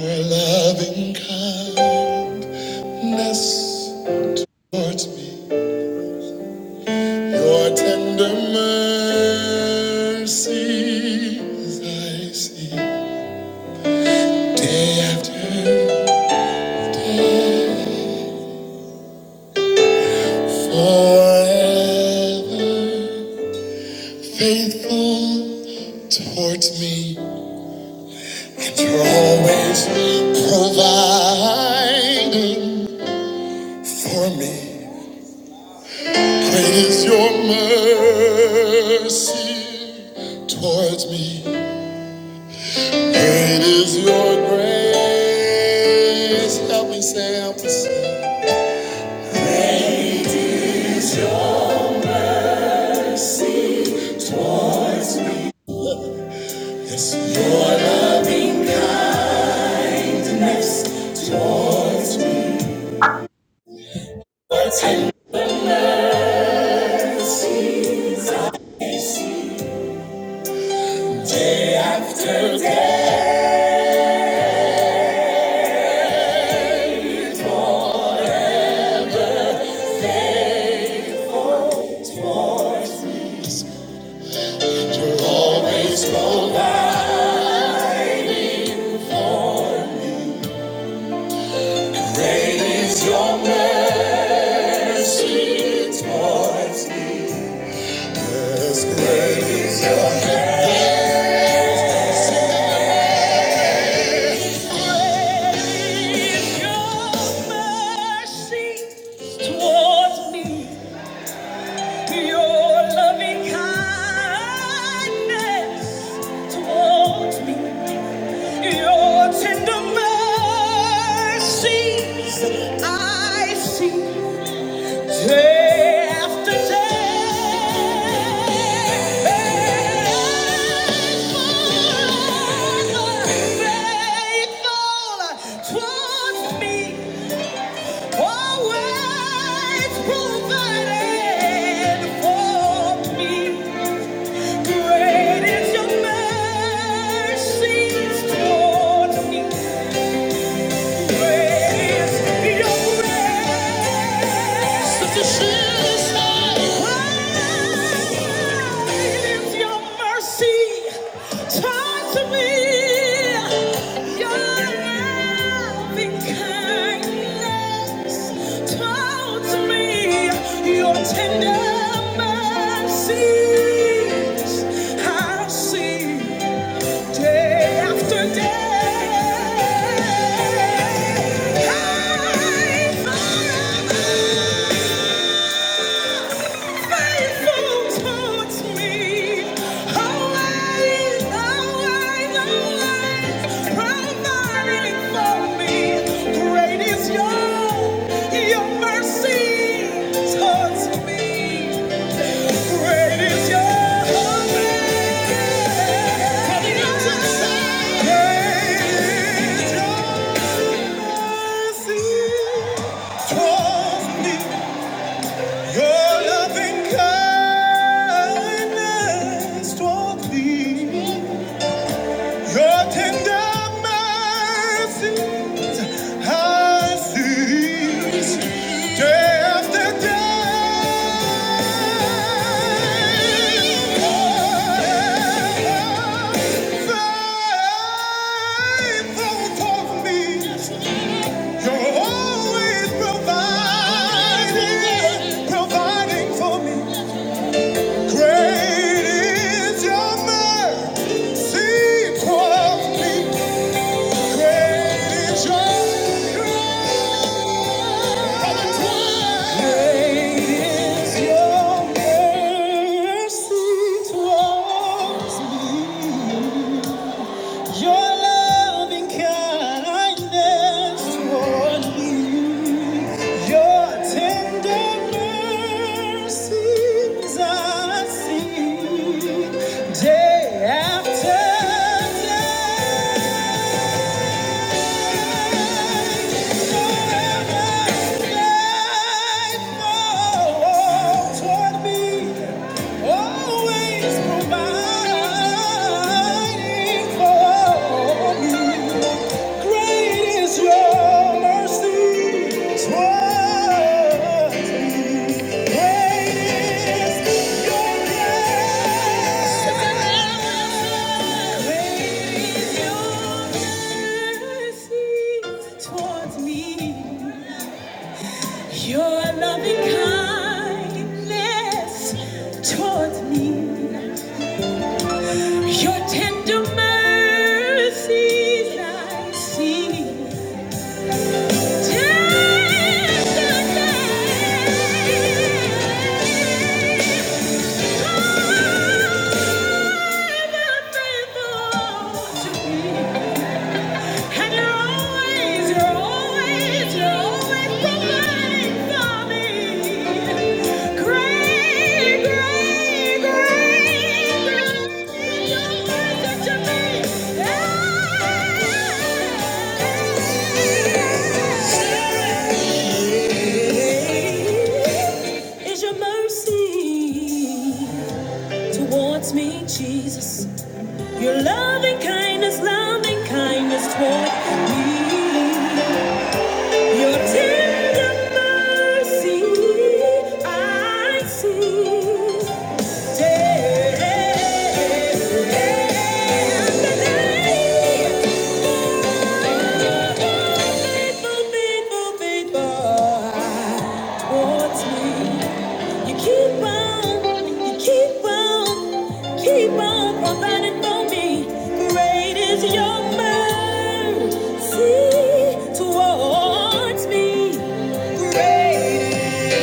Your loving kindness towards me, your tender mercies I see day after day, forever faithful towards me, and you're always providing for me. Great is your mercy towards me. Great is your grace. Help me say, help me say. It's your laughter that you always provide. Great is your mercy towards me. Yes, great is your grace. Great is your mercy towards me. Your loving kindness towards me, your tender mercies I see day after day. Faithful, faithful towards me. Always provided for me. Great is your mercy towards me. Tender mercies I see. Day after day, high forever, faithful towards me, always, always, always providing for me. Great is your your mercy towards me. Great is your Day after day. Providing for me, is your mercy towards me. Your loving kindness toward me, your tender mercies I see day after day. Always providing for me. Great is your mercy towards me. Great is your grace. Great is your mercy towards me. Your loving kindness towards me. Your tender mercies I see. Is your mercy towards me, Jesus. Your loving kindness, loving kindness toward me. Your tender mercy, I see. Day and night, faithful, faithful, faithful towards me. You keep on, you keep on, keep on providing for me. Great is your mercy towards me. Great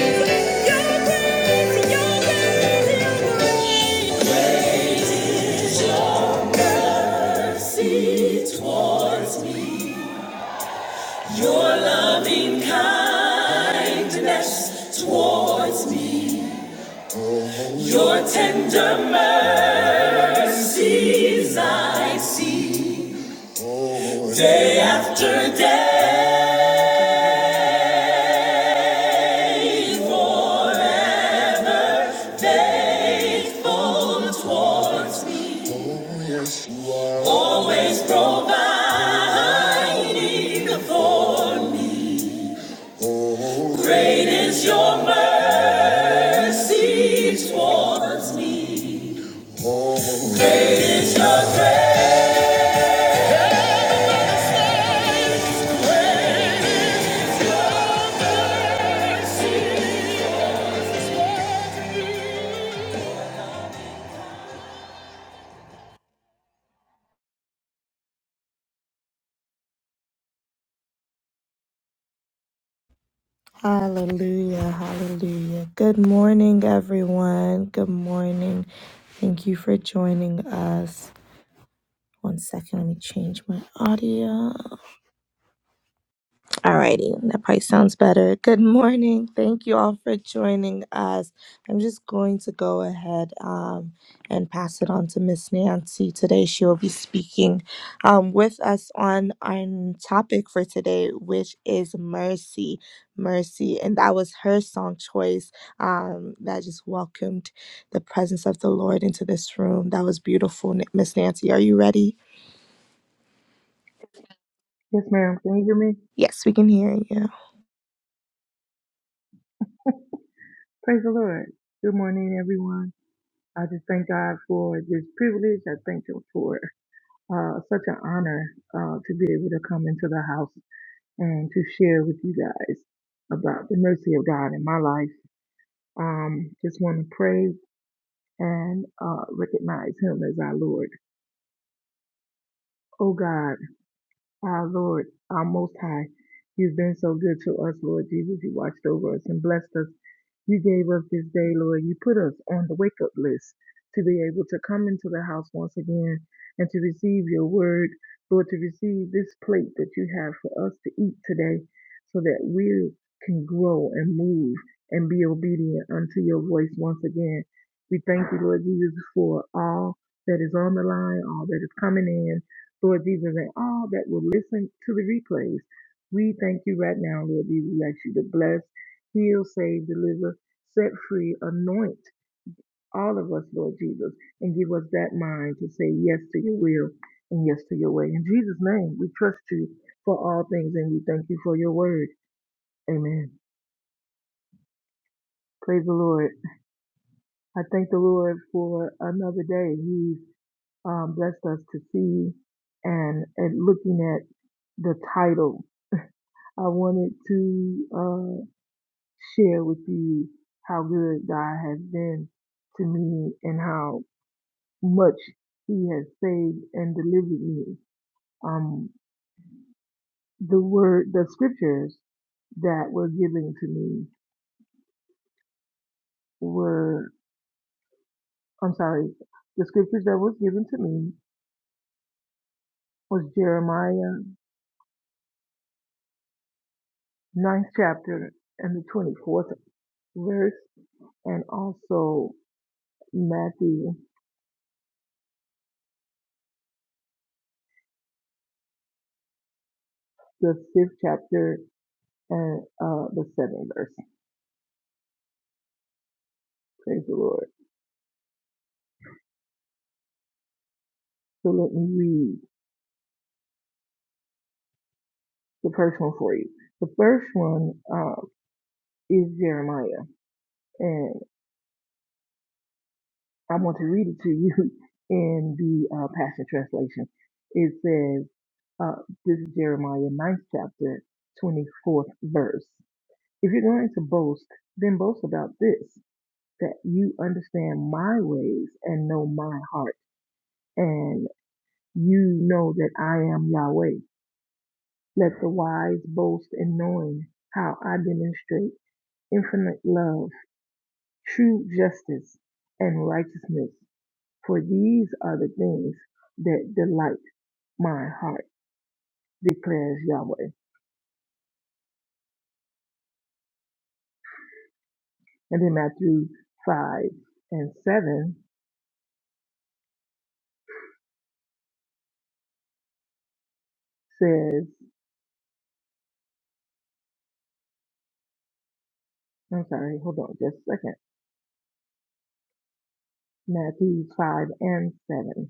is your grace, your grace, your grace. great is your mercy towards me. Your loving kindness towards me. Your tender mercies I see day after day. Always providing for me. Great is your mercy towards me. Great is your grace. Yes, ma'am. Can you hear me? Praise the Lord. Good morning, everyone. I just thank God for this privilege. I thank Him for uh, such an honor uh, to be able to come into the house and to share with you guys about the mercy of God in my life. Um, just want to praise and uh, recognize Him as our Lord. Oh God. Our Lord, our Most High, you've been so good to us, Lord Jesus. You watched over us and blessed us. You gave us this day, Lord. You put us on the wake up list to be able to come into the house once again and to receive your word, Lord, to receive this plate that you have for us to eat today so that we can grow and move and be obedient unto your voice once again. We thank you, Lord Jesus, for all that is on the line, all that is coming in. Lord Jesus, and all that will listen to the replays. We thank you right now, Lord Jesus. We ask you to bless, heal, save, deliver, set free, anoint all of us, Lord Jesus, and give us that mind to say yes to your will and yes to your way. In Jesus' name, we trust you for all things and we thank you for your word. Amen. Praise the Lord. I thank the Lord for another day. He's um, blessed us to see and, and looking at the title. I wanted to uh, share with you how good God has been to me and how much He has saved and delivered me. Um, the word, the scriptures that were given to me were, I'm sorry, the scriptures that was given to me was Jeremiah 9th chapter and the 24th verse, and also Matthew the 5th chapter and uh, the 7th verse. Praise the Lord. So let me read the first one for you. The first one um, is Jeremiah, and I want to read it to you in the uh, Passion Translation. It says, uh, this is Jeremiah 9th chapter, 24th verse. If you're going to boast, then boast about this, that you understand my ways and know my heart, and you know that I am Yahweh. Let the wise boast in knowing how I demonstrate infinite love, true justice, and righteousness. For these are the things that delight my heart, declares Yahweh. And then Matthew 5 and 7 says, I'm sorry, hold on just a second. Matthew 5 and 7.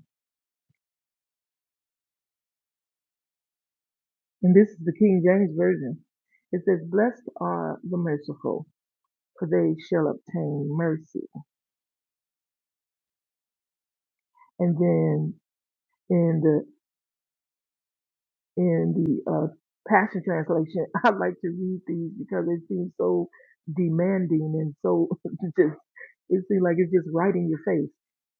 And this is the King James Version. It says, Blessed are the merciful, for they shall obtain mercy. And then in in the uh, Passion Translation, I like to read these because it seems so demanding and so just, it seems like it's just right in your face.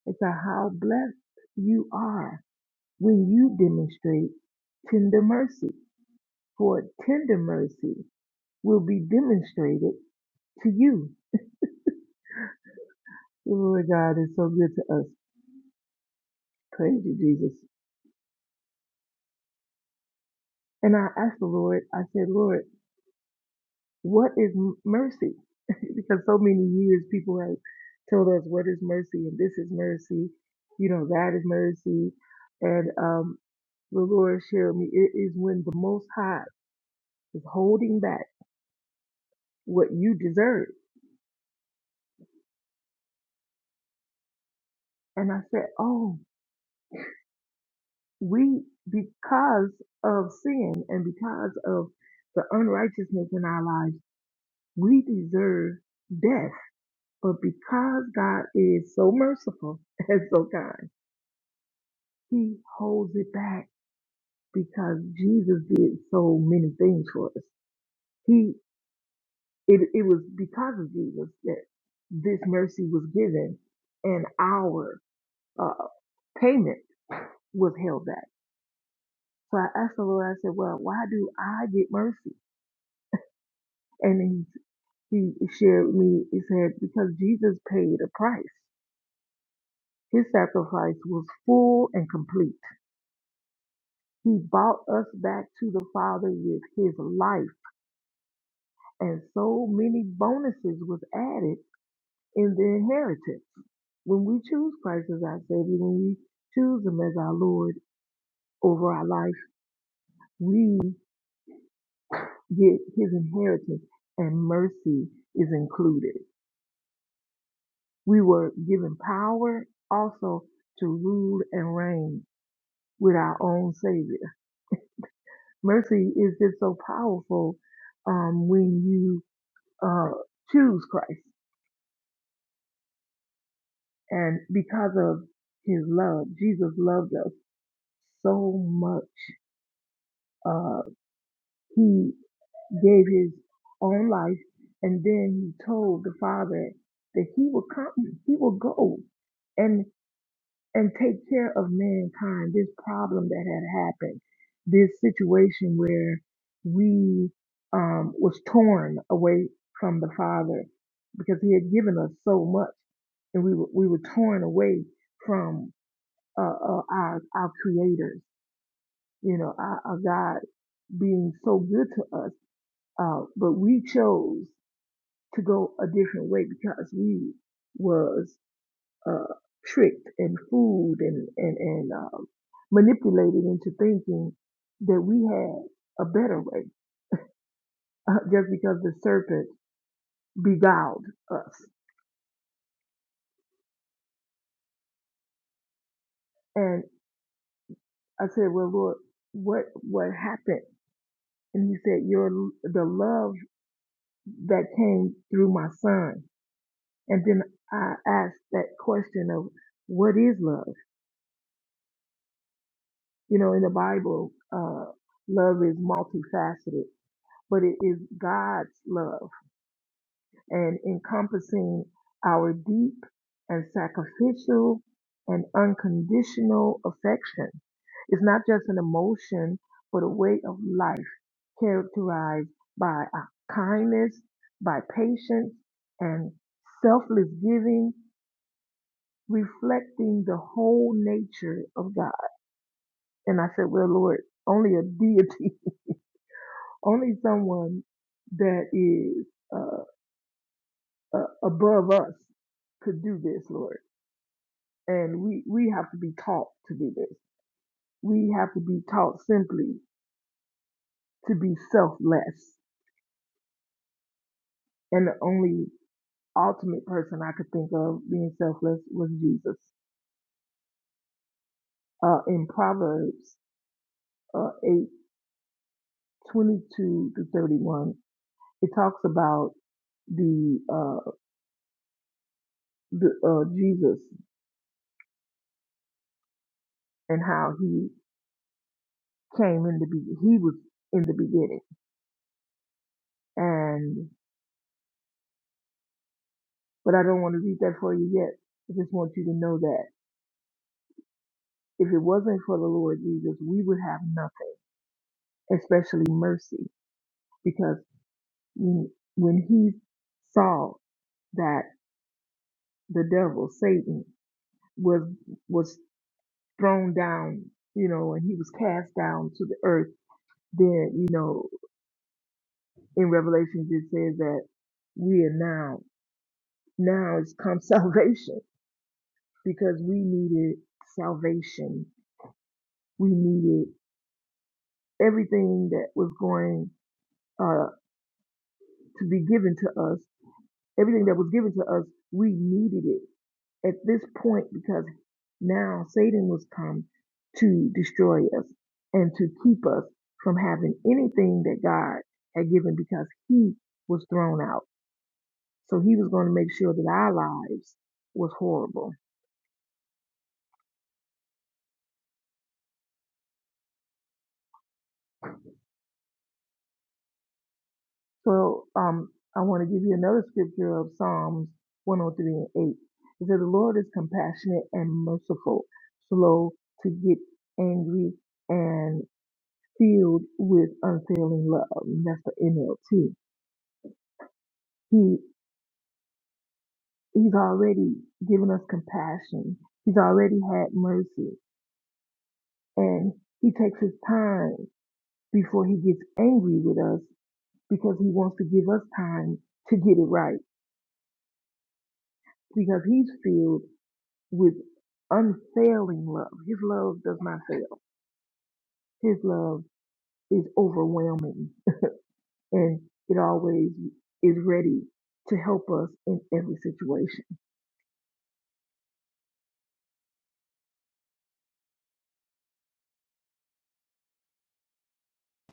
It's a how blessed you are when you demonstrate tender mercy, for tender mercy will be demonstrated to you. The Lord God is so good to us. Praise you, Jesus. And I asked the Lord, I said, Lord, What is m- mercy? because so many years people have told us what is mercy and this is mercy, you know, that is mercy. And um, the Lord showed me it is when the Most High is holding back what you deserve. And I said, oh, we, because of sin and because of the unrighteousness in our lives, we deserve death. But because God is so merciful and so kind, He holds it back because Jesus did so many things for us. He it, it was because of Jesus that this mercy was given and our uh, payment was held back. So I asked the Lord, I said, Well, why do I get mercy? And he, he shared with me, he said, Because Jesus paid a price. His sacrifice was full and complete. He bought us back to the Father with his life and so many bonuses was added in the inheritance. When we choose Christ as our Savior, when we choose Him as our Lord over our life, we get His inheritance and mercy is included. We were given power also to rule and reign with our own Savior. Mercy is just so powerful um, when you uh, choose Christ. And because of his love, Jesus loved us so much. Uh, he gave his own life, and then he told the Father that he will come, he will go and and take care of mankind. This problem that had happened, this situation where we um, was torn away from the Father because He had given us so much, and we were, we were torn away from uh, uh, our our creators, you know, our, our God being so good to us out, but we chose to go a different way because we was uh, tricked and fooled and and and um, manipulated into thinking that we had a better way uh, just because the serpent beguiled us. And I said, "Well, Lord, what what happened?" And He said, "Your the love that came through my son." And then I asked that question of, "What is love?" You know, in the Bible, uh, love is multifaceted, but it is God's love and encompassing our deep and sacrificial and unconditional affection. It's not just an emotion, but a way of life characterized by a kindness, by patience, and selfless giving, reflecting the whole nature of God. And I said, Well, Lord, only a deity Only someone that is uh, uh, above us could do this, Lord. And we, we have to be taught to do this. We have to be taught simply to be selfless. And the only ultimate person I could think of being selfless was Jesus. Uh, in Proverbs uh, 8 twenty-two to 31, it talks about the uh the uh Jesus and how he came in the be he was in the beginning. And but I don't want to read that for you yet. I just want you to know that if it wasn't for the Lord Jesus, we would have nothing, especially mercy, because when when he saw that the devil, Satan, was was thrown down, you know, and he was cast down to the earth, then you know, in Revelations it says that we are now now it's come salvation because we needed salvation. We needed everything that was going uh, to be given to us, everything that was given to us, we needed it at this point because now Satan was come to destroy us and to keep us from having anything that God had given because he was thrown out. So he was going to make sure that our lives was horrible So um, I want to give you another scripture of Psalms 103 and 8. It says, The Lord is compassionate and merciful, slow to get angry, and filled with unfailing love. And that's the NLT. He He's already given us compassion. He's already had mercy. And he takes his time before he gets angry with us because he wants to give us time to get it right. Because he's filled with unfailing love. His love does not fail. His love is overwhelming and it always is ready to help us in every situation.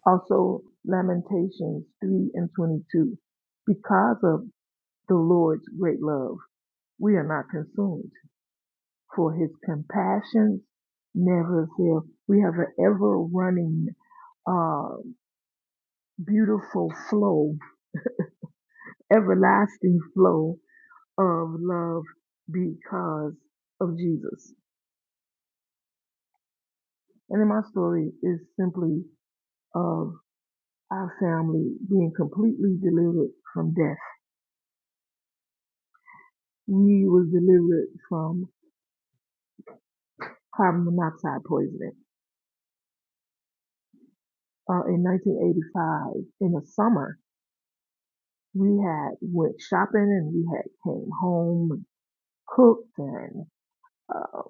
Also, Lamentations 3 and 22. Because of the Lord's great love, we are not consumed, for his compassions never fail. We have an ever running, uh, beautiful flow, everlasting flow of love because of Jesus. And then my story is simply of our family being completely delivered from death. We was delivered from carbon monoxide poisoning. Uh, in 1985, in the summer, we had went shopping and we had came home and cooked and uh,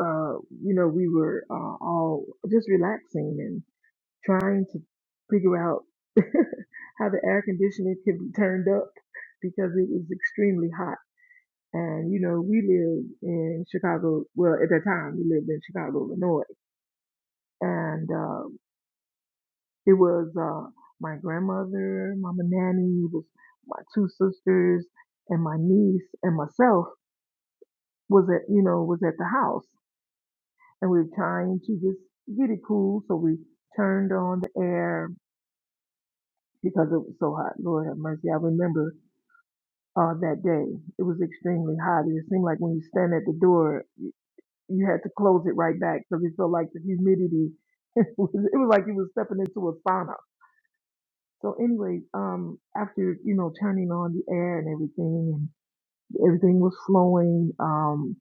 uh, you know we were uh, all just relaxing and. trying to figure out how the air conditioning can be turned up because it was extremely hot. And you know, we live in Chicago. Well, at that time, we lived in Chicago, Illinois, and um, it was uh, my grandmother, Mama Nanny, was my two sisters, and my niece, and myself was at you know was at the house, and we were trying to just get it cool. So we turned on the air because it was so hot. Lord have mercy. I remember uh, that day. It was extremely hot. It seemed like when you stand at the door, you had to close it right back because it felt like the humidity. It was, it was like you were stepping into a sauna. So, anyway, um, after you know turning on the air and everything, and everything was flowing. Um,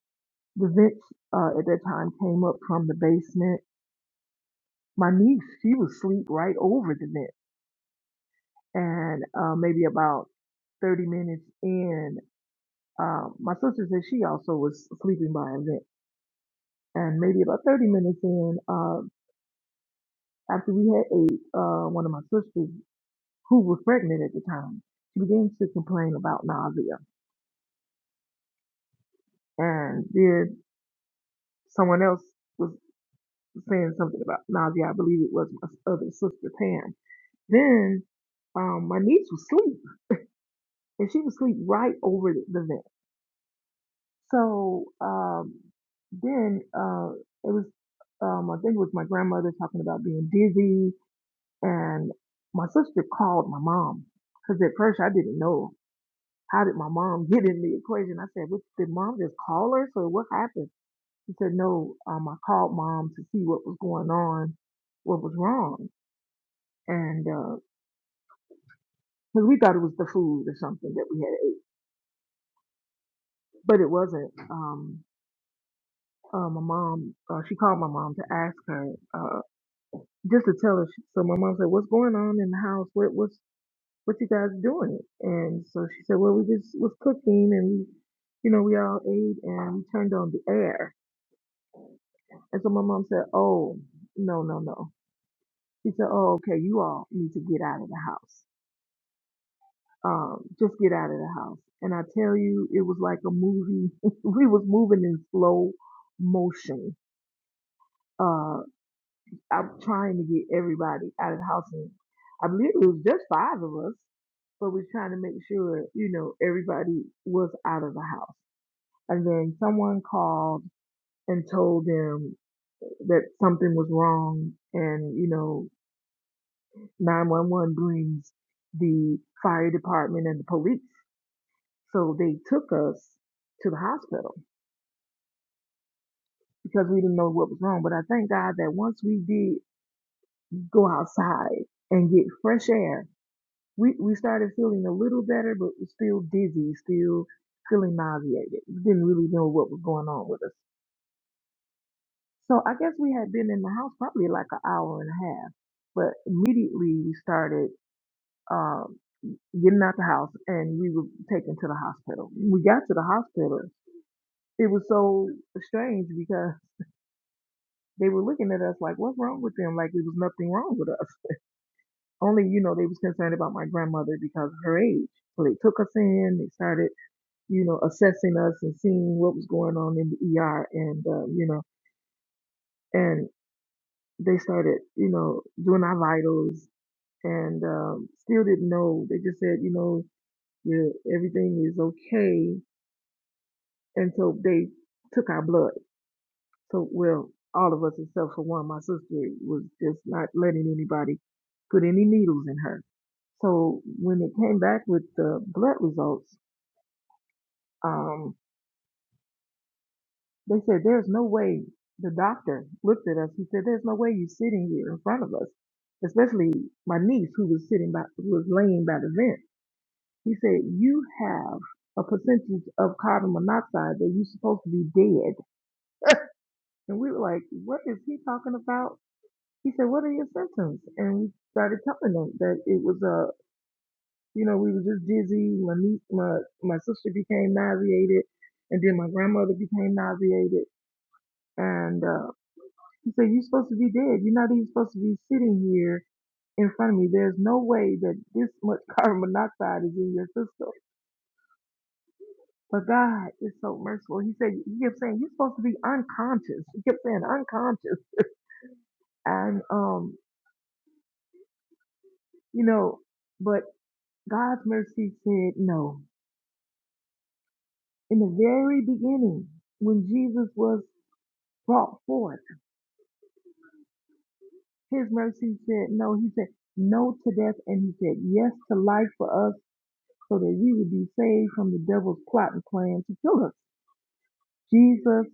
the vents uh, at that time came up from the basement. My niece, she was asleep right over the vent, and uh, maybe about 30 minutes in, uh, my sister said she also was sleeping by a vent. and maybe about 30 minutes in, uh, after we had ate, uh, one of my sisters, who was pregnant at the time, she began to complain about nausea. And then someone else was saying something about nausea. I believe it was my other sister, Pam. Then um, my niece was asleep, and she was asleep right over the, the vent. So um, then uh, it was, um, I think it was my grandmother talking about being dizzy And my sister called my mom because at first I didn't know how did my mom get in the equation. I said, "What- did mom just call her? So what happened? She said, no, um, I called mom to see what was going on, what was wrong. And, because we thought it was the food or something that we had ate, but it wasn't. Um, uh, my mom, uh, she called my mom to ask her, uh, just to tell her. She, So my mom said, what's going on in the house? What what's what you guys doing? And so she said, well, we just was cooking and we, you know, we all ate and we turned on the air. And so my mom said, oh, no, no, no. She said, oh, okay, you all need to get out of the house. Um, just get out of the house. And I tell you, it was like a movie. we was moving in slow motion. Uh, I'm trying to get everybody out of the house. And I believe it was just five of us, but we're trying to make sure, you know, everybody was out of the house. and then someone called and told them that something was wrong and you know 911 brings the fire department and the police so they took us to the hospital because we didn't know what was wrong but i thank god that once we did go outside and get fresh air we, we started feeling a little better but still dizzy still feeling nauseated we didn't really know what was going on with us So I guess we had been in the house probably like an hour and a half, but immediately we started um, getting out the house and we were taken to the hospital. We got to the hospital. It was so strange because they were looking at us like, what's wrong with them? Like it was nothing wrong with us. Only, you know, they was concerned about my grandmother because of her age. So they took us in, they started, you know, assessing us and seeing what was going on in the ER and, uh, you know, and they started, you know, doing our vitals and um, still didn't know. They just said, you know, yeah, everything is okay. And so they took our blood. So, well, all of us except for one, my sister was just not letting anybody put any needles in her. So when it came back with the blood results, um, they said, there's no way. The doctor looked at us. He said, there's no way you're sitting here in front of us, especially my niece who was sitting by, who was laying by the vent. He said, You have a percentage of carbon monoxide that you're supposed to be dead. And we were like, What is he talking about? He said, What are your symptoms? And we started telling him that it was a, uh, you know, we were just dizzy. My niece, my, my sister became nauseated. And then my grandmother became nauseated. And uh, he said, You're supposed to be dead. You're not even supposed to be sitting here in front of me. There's no way that this much carbon monoxide is in your system. But God is so merciful. He said, He kept saying, You're supposed to be unconscious. He kept saying, unconscious. And, um, you know, but God's mercy said no. In the very beginning, when Jesus was brought forth, His mercy said no. He said no to death and He said yes to life for us so that we would be saved from the devil's plot and plan to kill us. Jesus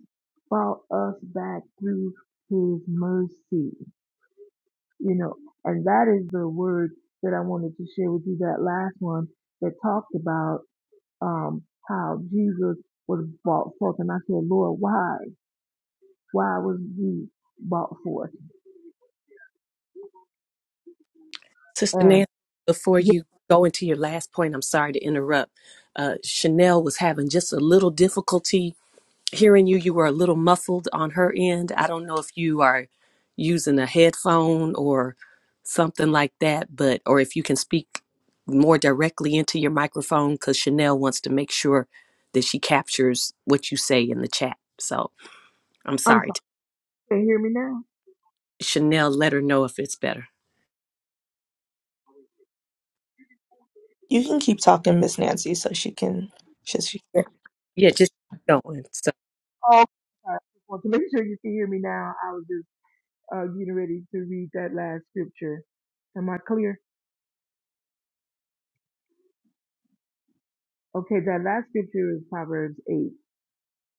brought us back through His mercy. you know and that is the word that i wanted to share with you that last one that talked about um how jesus was brought forth and i said lord why why was he brought forth Sister and Nancy, before yeah, you go into your last point, I'm sorry to interrupt. Uh, Chanel was having just a little difficulty hearing you. You were a little muffled on her end. I don't know if you are using a headphone or something like that, but or if you can speak more directly into your microphone because Chanel wants to make sure that she captures what you say in the chat. So I'm i'm sorry. sorry can you hear me now Chanel, let her know if it's better. Yeah, yeah, just keep going. So oh I just want to make sure you can hear me now i was just uh getting ready to read that last scripture am i clear okay that last scripture is proverbs 8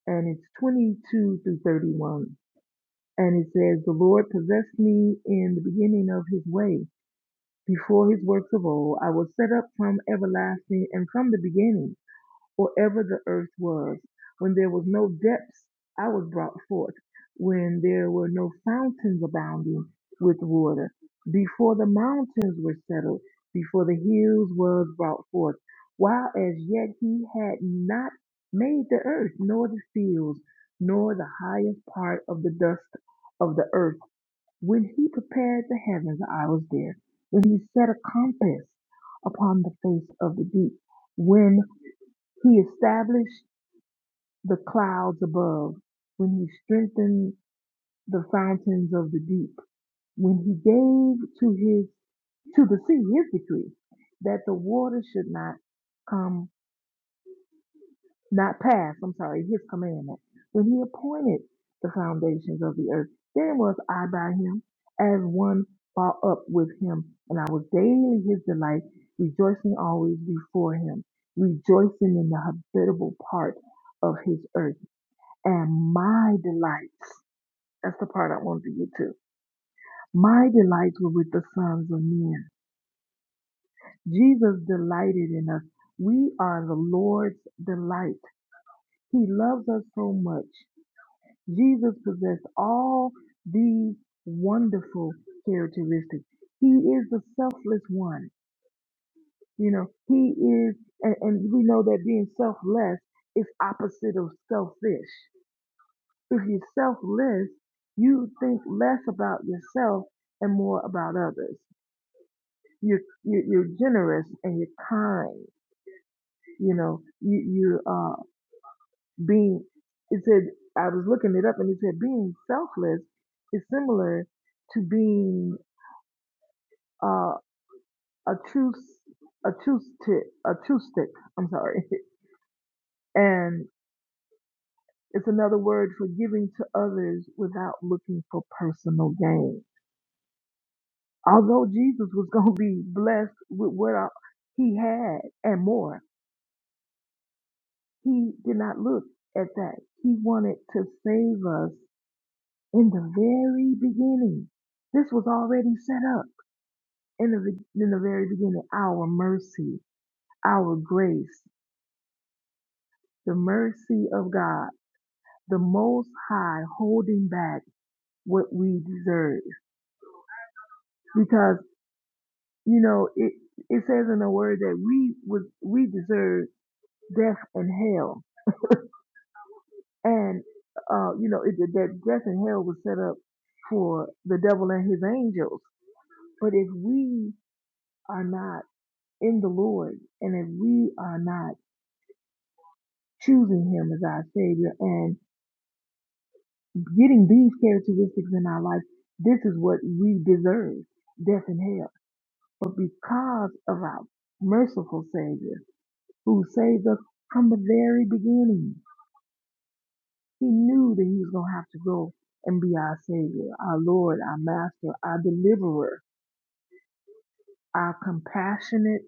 and it's 22 through 31 And it says, The Lord possessed me in the beginning of his way. Before his works of old, I was set up from everlasting and from the beginning or ever the earth was. When there was no depths, I was brought forth. When there were no fountains abounding with water, before the mountains were settled, before the hills was brought forth, while as yet he had not made the earth, nor the fields, nor the highest part of the dust of the earth. When he prepared the heavens, I was there. When he set a compass upon the face of the deep, when. He established the clouds above, when he strengthened the fountains of the deep, when he gave to his to the sea his decree that the water should not come not pass, I'm sorry, his commandment. When he appointed the foundations of the earth, then was I by him as one brought up with him, and I was daily his delight, rejoicing always before him, rejoicing in the habitable part of his earth And my delights, that's the part I wanted to get to. My delights were with the sons of men. Jesus delighted in us. We are the Lord's delight. He loves us so much. Jesus possessed all these wonderful characteristics. He is the selfless one. You know, he is, and, and we know that being selfless is opposite of selfish. If you're selfless, you think less about yourself and more about others. You're, you're, you're generous and you're kind. You know, you, you're uh, being, it said, I was looking it up and it said being selfless is similar to being uh, a true, s- a true stick, a true stick, I'm sorry. And it's another word for giving to others without looking for personal gain Although Jesus was going to be blessed with what uh, he had and more, he did not look at that. He wanted to save us in the very beginning. This was already set up in the, be- in the very beginning. Our mercy, our grace, the mercy of God, the Most High holding back what we deserve. Because, you know, it, it says in the word that we was, we deserve death and hell And, uh, you know, it, that death and hell was set up for the devil and his angels. But if we are not in the Lord and if we are not choosing him as our savior and getting these characteristics in our life, this is what we deserve, death and hell. But because of our merciful savior who saved us from the very beginning, he knew that he was going to have to go and be our savior, our Lord, our master, our deliverer our compassionate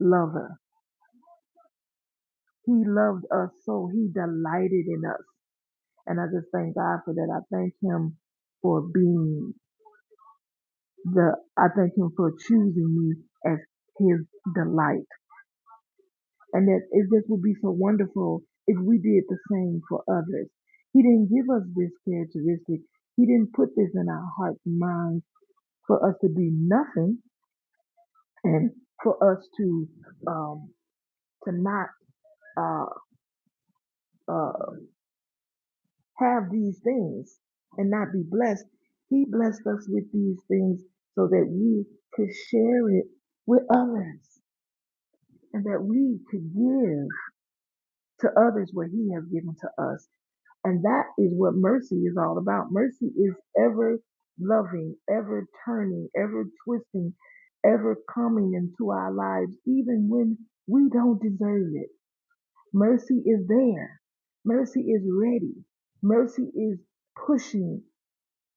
lover. He loved us so he delighted in us. And I just thank God for that. I thank him for being the I thank him for choosing me as his delight. And that it just would be so wonderful if we did the same for others. He didn't give us this characteristic. He didn't put this in our hearts and minds for us to be nothing and for us to um to not uh uh, have these things and not be blessed. He blessed us with these things so that we could share it with others and that we could give to others what He has given to us. And that is what mercy is all about. Mercy is ever loving, ever turning, ever twisting, ever coming into our lives, even when we don't deserve it. Mercy is there. Mercy is ready. Mercy is pushing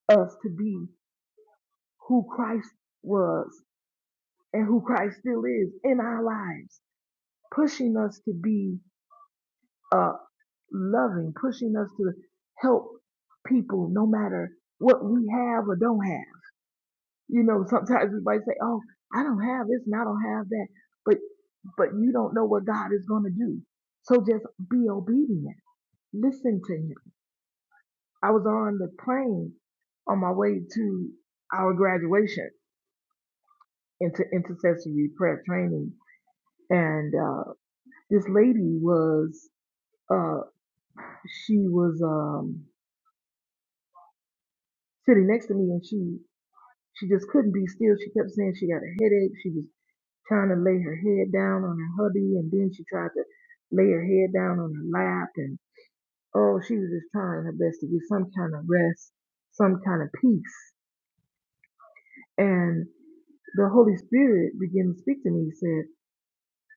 us to be who Christ was and who Christ still is in our lives, pushing us to be uh, loving, pushing us to help people no matter what we have or don't have. You know, sometimes we might say, "Oh, I don't have this and I don't have that," but but you don't know what God is going to do. So just be obedient. Listen to Him. I was on the plane on my way to our graduation into intercessory prayer training and uh, this lady was uh, she was um, sitting next to me and she she just couldn't be still she kept saying she got a headache she was trying to lay her head down on her hubby and then she tried to lay her head down on her lap and oh she was just trying her best to get some kind of rest some kind of peace and the Holy Spirit began to speak to me. He said,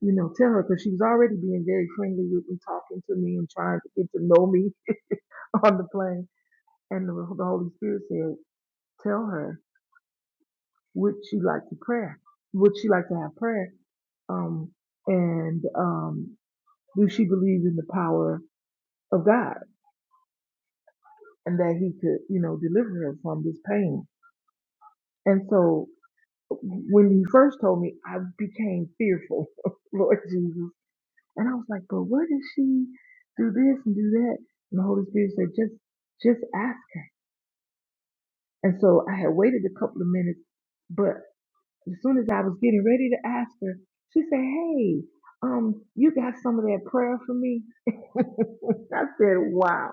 you know, tell her because she was already being very friendly with me, talking to me and trying to get to know me on the plane And the, the Holy Spirit said, tell her, would she like to prayer? Would she like to have prayer? Um, and, um, do she believe in the power of God and that he could, you know, deliver her from this pain? And so when he first told me, I became fearful, Lord Jesus. And I was like, but what if she do this and do that? And the Holy Spirit said, just, just ask her. And so I had waited a couple of minutes, but. as soon as I was getting ready to ask her, she said, Hey, um, you got some of that prayer for me? I said, Wow.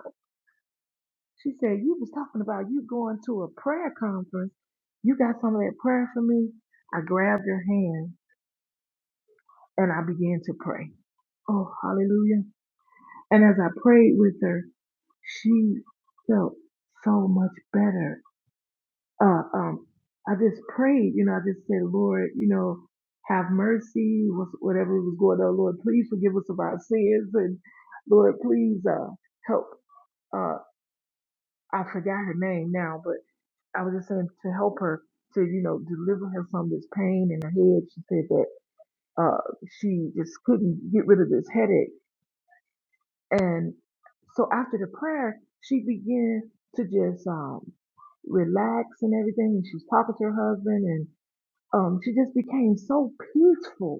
She said, You was talking about you going to a prayer conference. You got some of that prayer for me? I grabbed her hand and I began to pray. Oh, hallelujah. And as I prayed with her, she felt so much better uh, um, I just prayed, you know, I just said, Lord, you know, have mercy, what's- whatever was going on, Lord, please forgive us of our sins, and Lord, please uh, help. Uh, I forgot her name now, but I was just saying to help her to, you know, deliver her from this pain in her head. She said that uh, she just couldn't get rid of this headache, and so after the prayer, she began to just um, relax and everything, and she was talking to her husband, um, she just became so peaceful.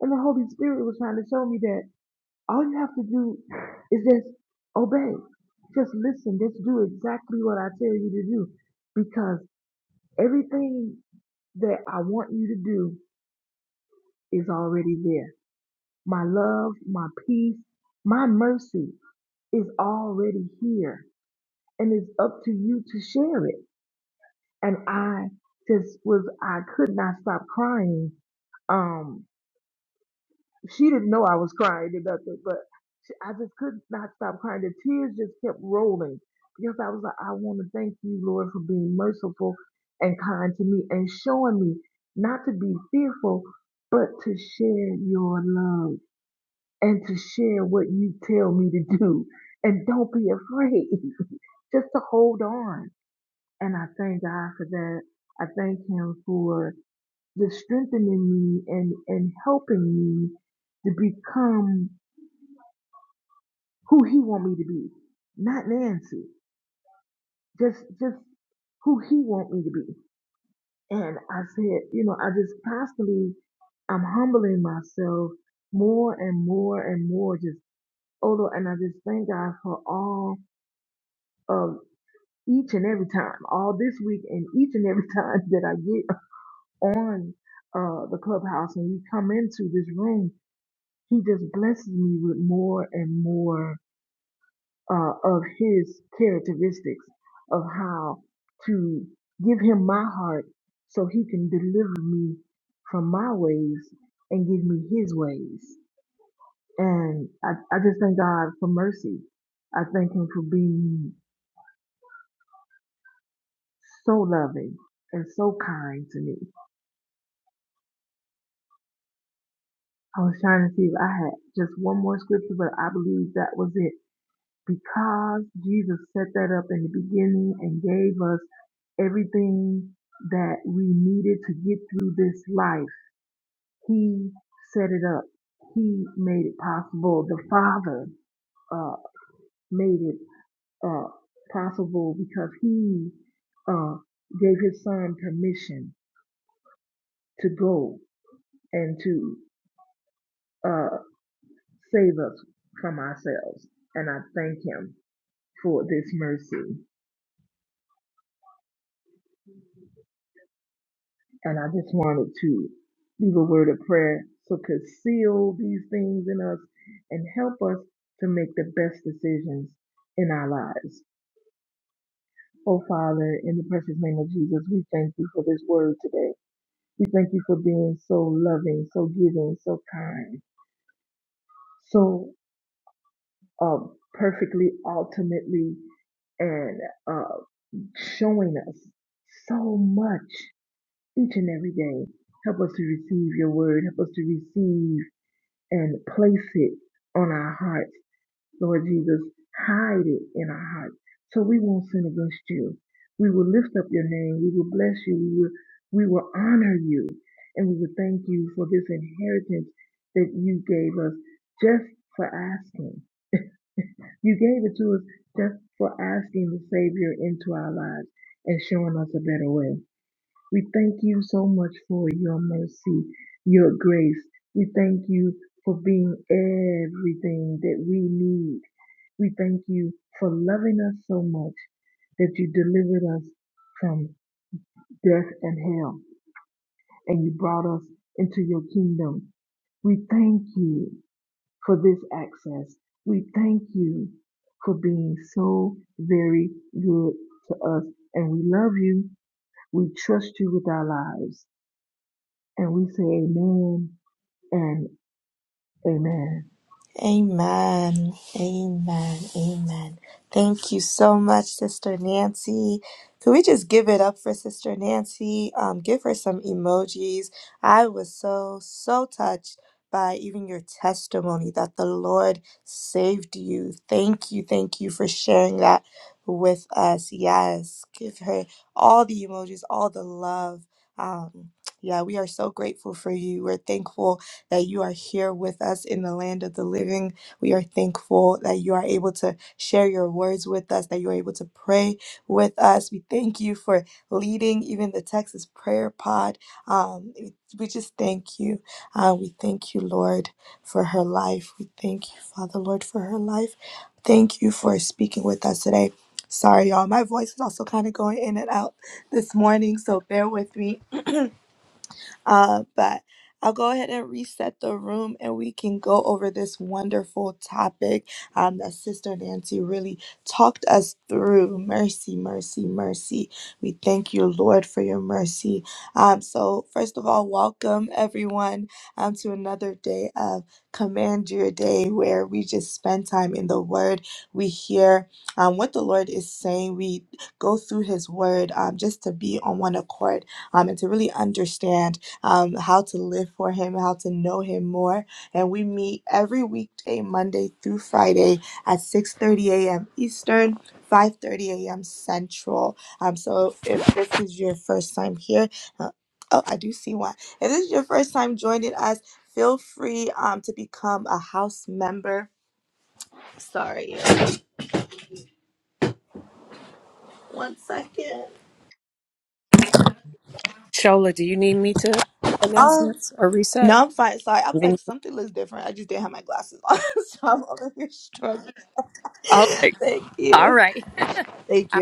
And the Holy Spirit was trying to show me that all you have to do is just obey. Just listen. Just do exactly what I tell you to do. Because everything that I want you to do is already there. My love, my peace, my mercy is already here. And it's up to you to share it. And I just was, I could not stop crying. Um, she didn't know I was crying or nothing, but she, I just could not stop crying. The tears just kept rolling because I was like, I want to thank you, Lord, for being merciful and kind to me and showing me not to be fearful, but to share your love and to share what you tell me to do. And don't be afraid, just to hold on. And I thank God for that. I thank Him for the strengthening me and and helping me to become who he want me to be not nancy just just who he want me to be and i said you know i just constantly i'm humbling myself more and more and more just oh and i just thank god for all of each and every time all this week and each and every time that i get on uh the clubhouse and we come into this room He just blesses me with more and more uh, of his characteristics of how to give him my heart so he can deliver me from my ways and give me his ways. And I, I just thank God for mercy. I thank him for being so loving and so kind to me. I was trying to see if I had just one more scripture, but I believe that was it. because Jesus set that up in the beginning and gave us everything that we needed to get through this life, He set it up. He made it possible. The Father uh, made it uh, possible because He uh, gave His Son permission to go and to uh, save us from ourselves. And I thank Him for this mercy. And I just wanted to leave a word of prayer so could seal these things in us and help us to make the best decisions in our lives. Oh, Father, in the precious name of Jesus, we thank you for this word today. We thank you for being so loving, so giving, so kind, so uh, perfectly, ultimately, and uh, showing us so much each and every day. Help us to receive your word. Help us to receive and place it on our hearts, Lord Jesus. Hide it in our hearts so we won't sin against you. We will lift up your name. We will bless you. We will, we will honor you. And we will thank you for this inheritance that you gave us just for asking. You gave it to us just for asking the Savior into our lives and showing us a better way. We thank you so much for your mercy, your grace. We thank you for being everything that we need. We thank you for loving us so much that you delivered us from death and hell and you brought us into your kingdom. We thank you for this access. We thank you for being so very good to us. And we love you. We trust you with our lives. And we say amen and amen. Shola, do you need me to announcements or reset? Then- Okay. All right. I-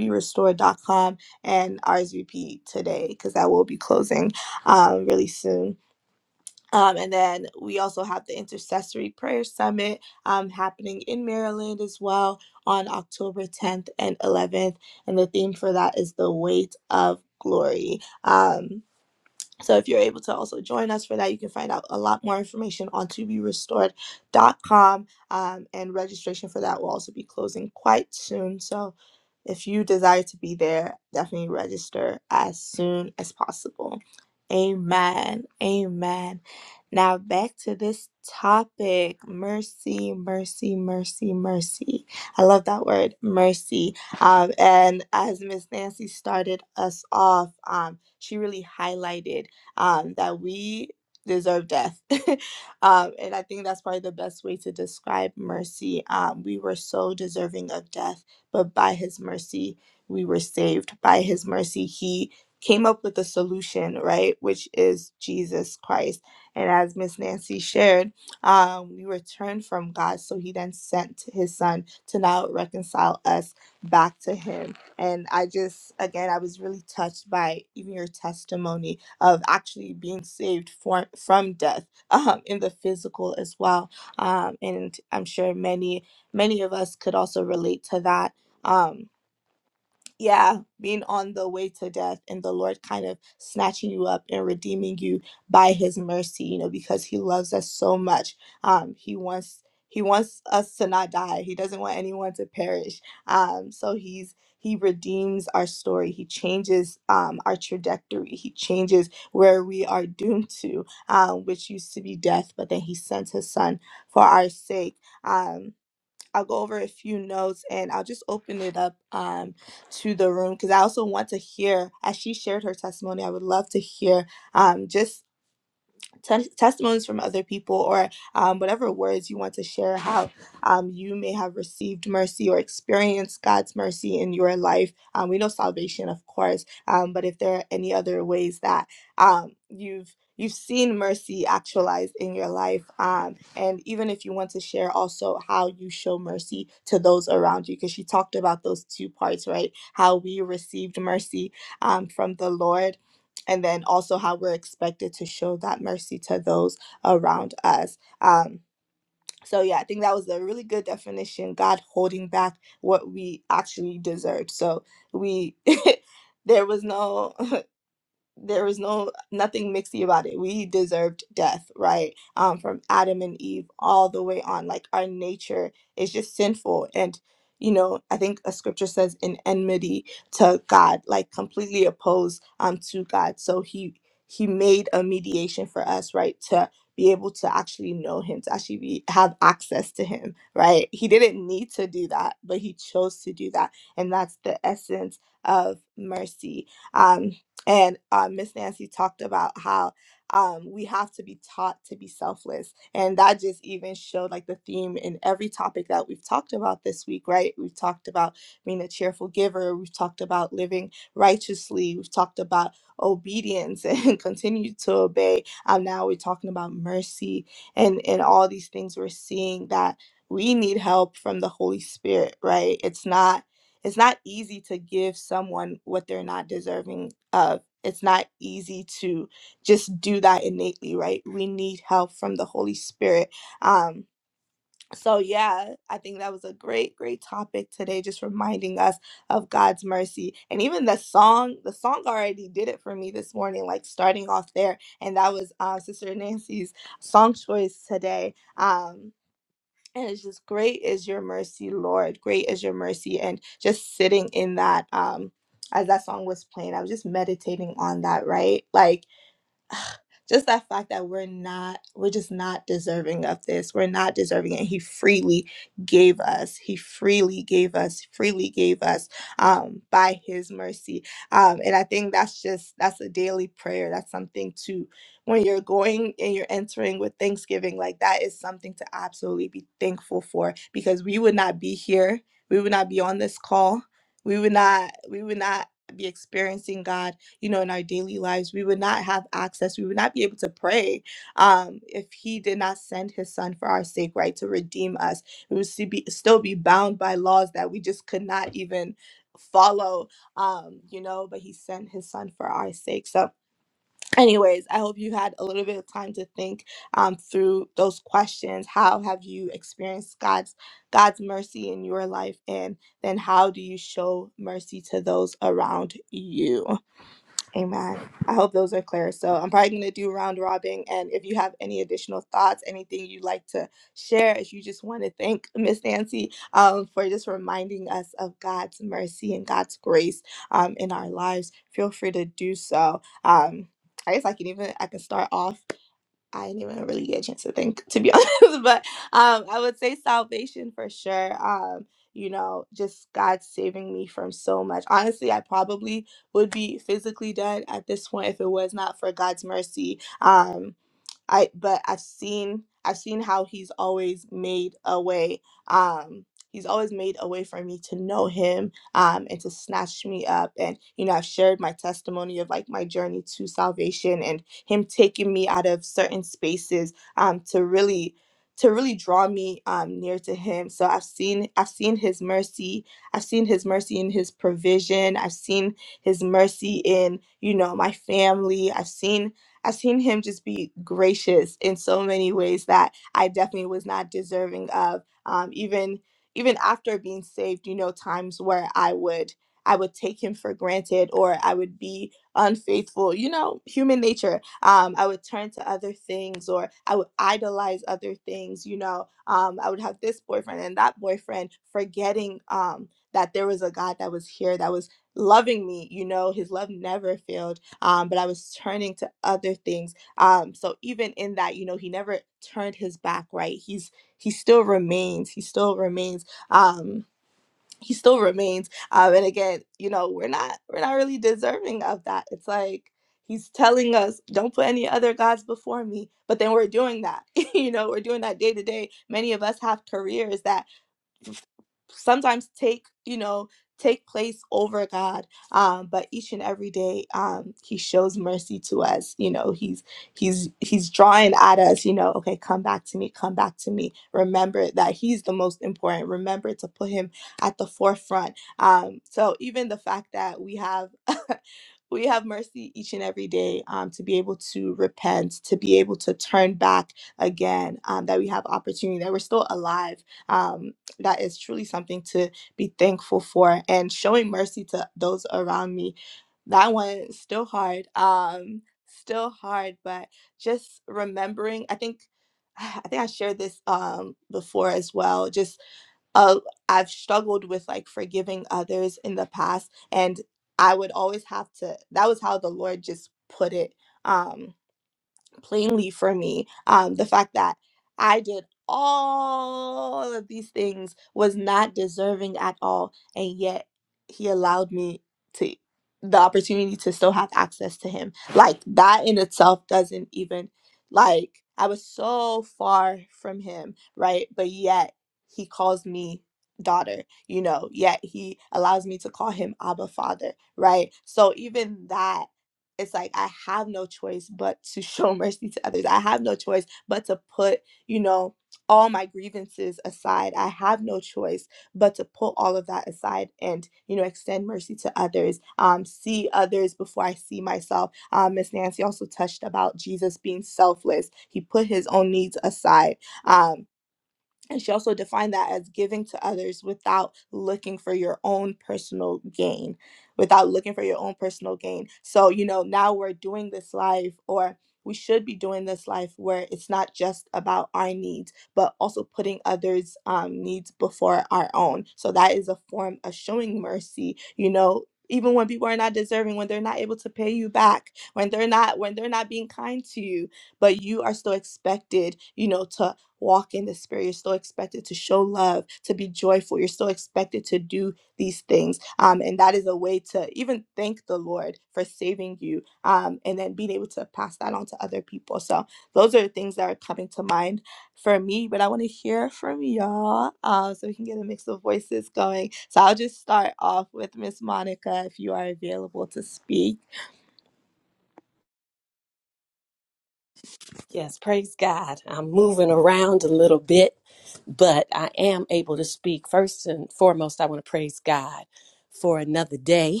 Yes, praise God. I'm moving around a little bit, but I am able to speak. First and foremost, I want to praise God for another day,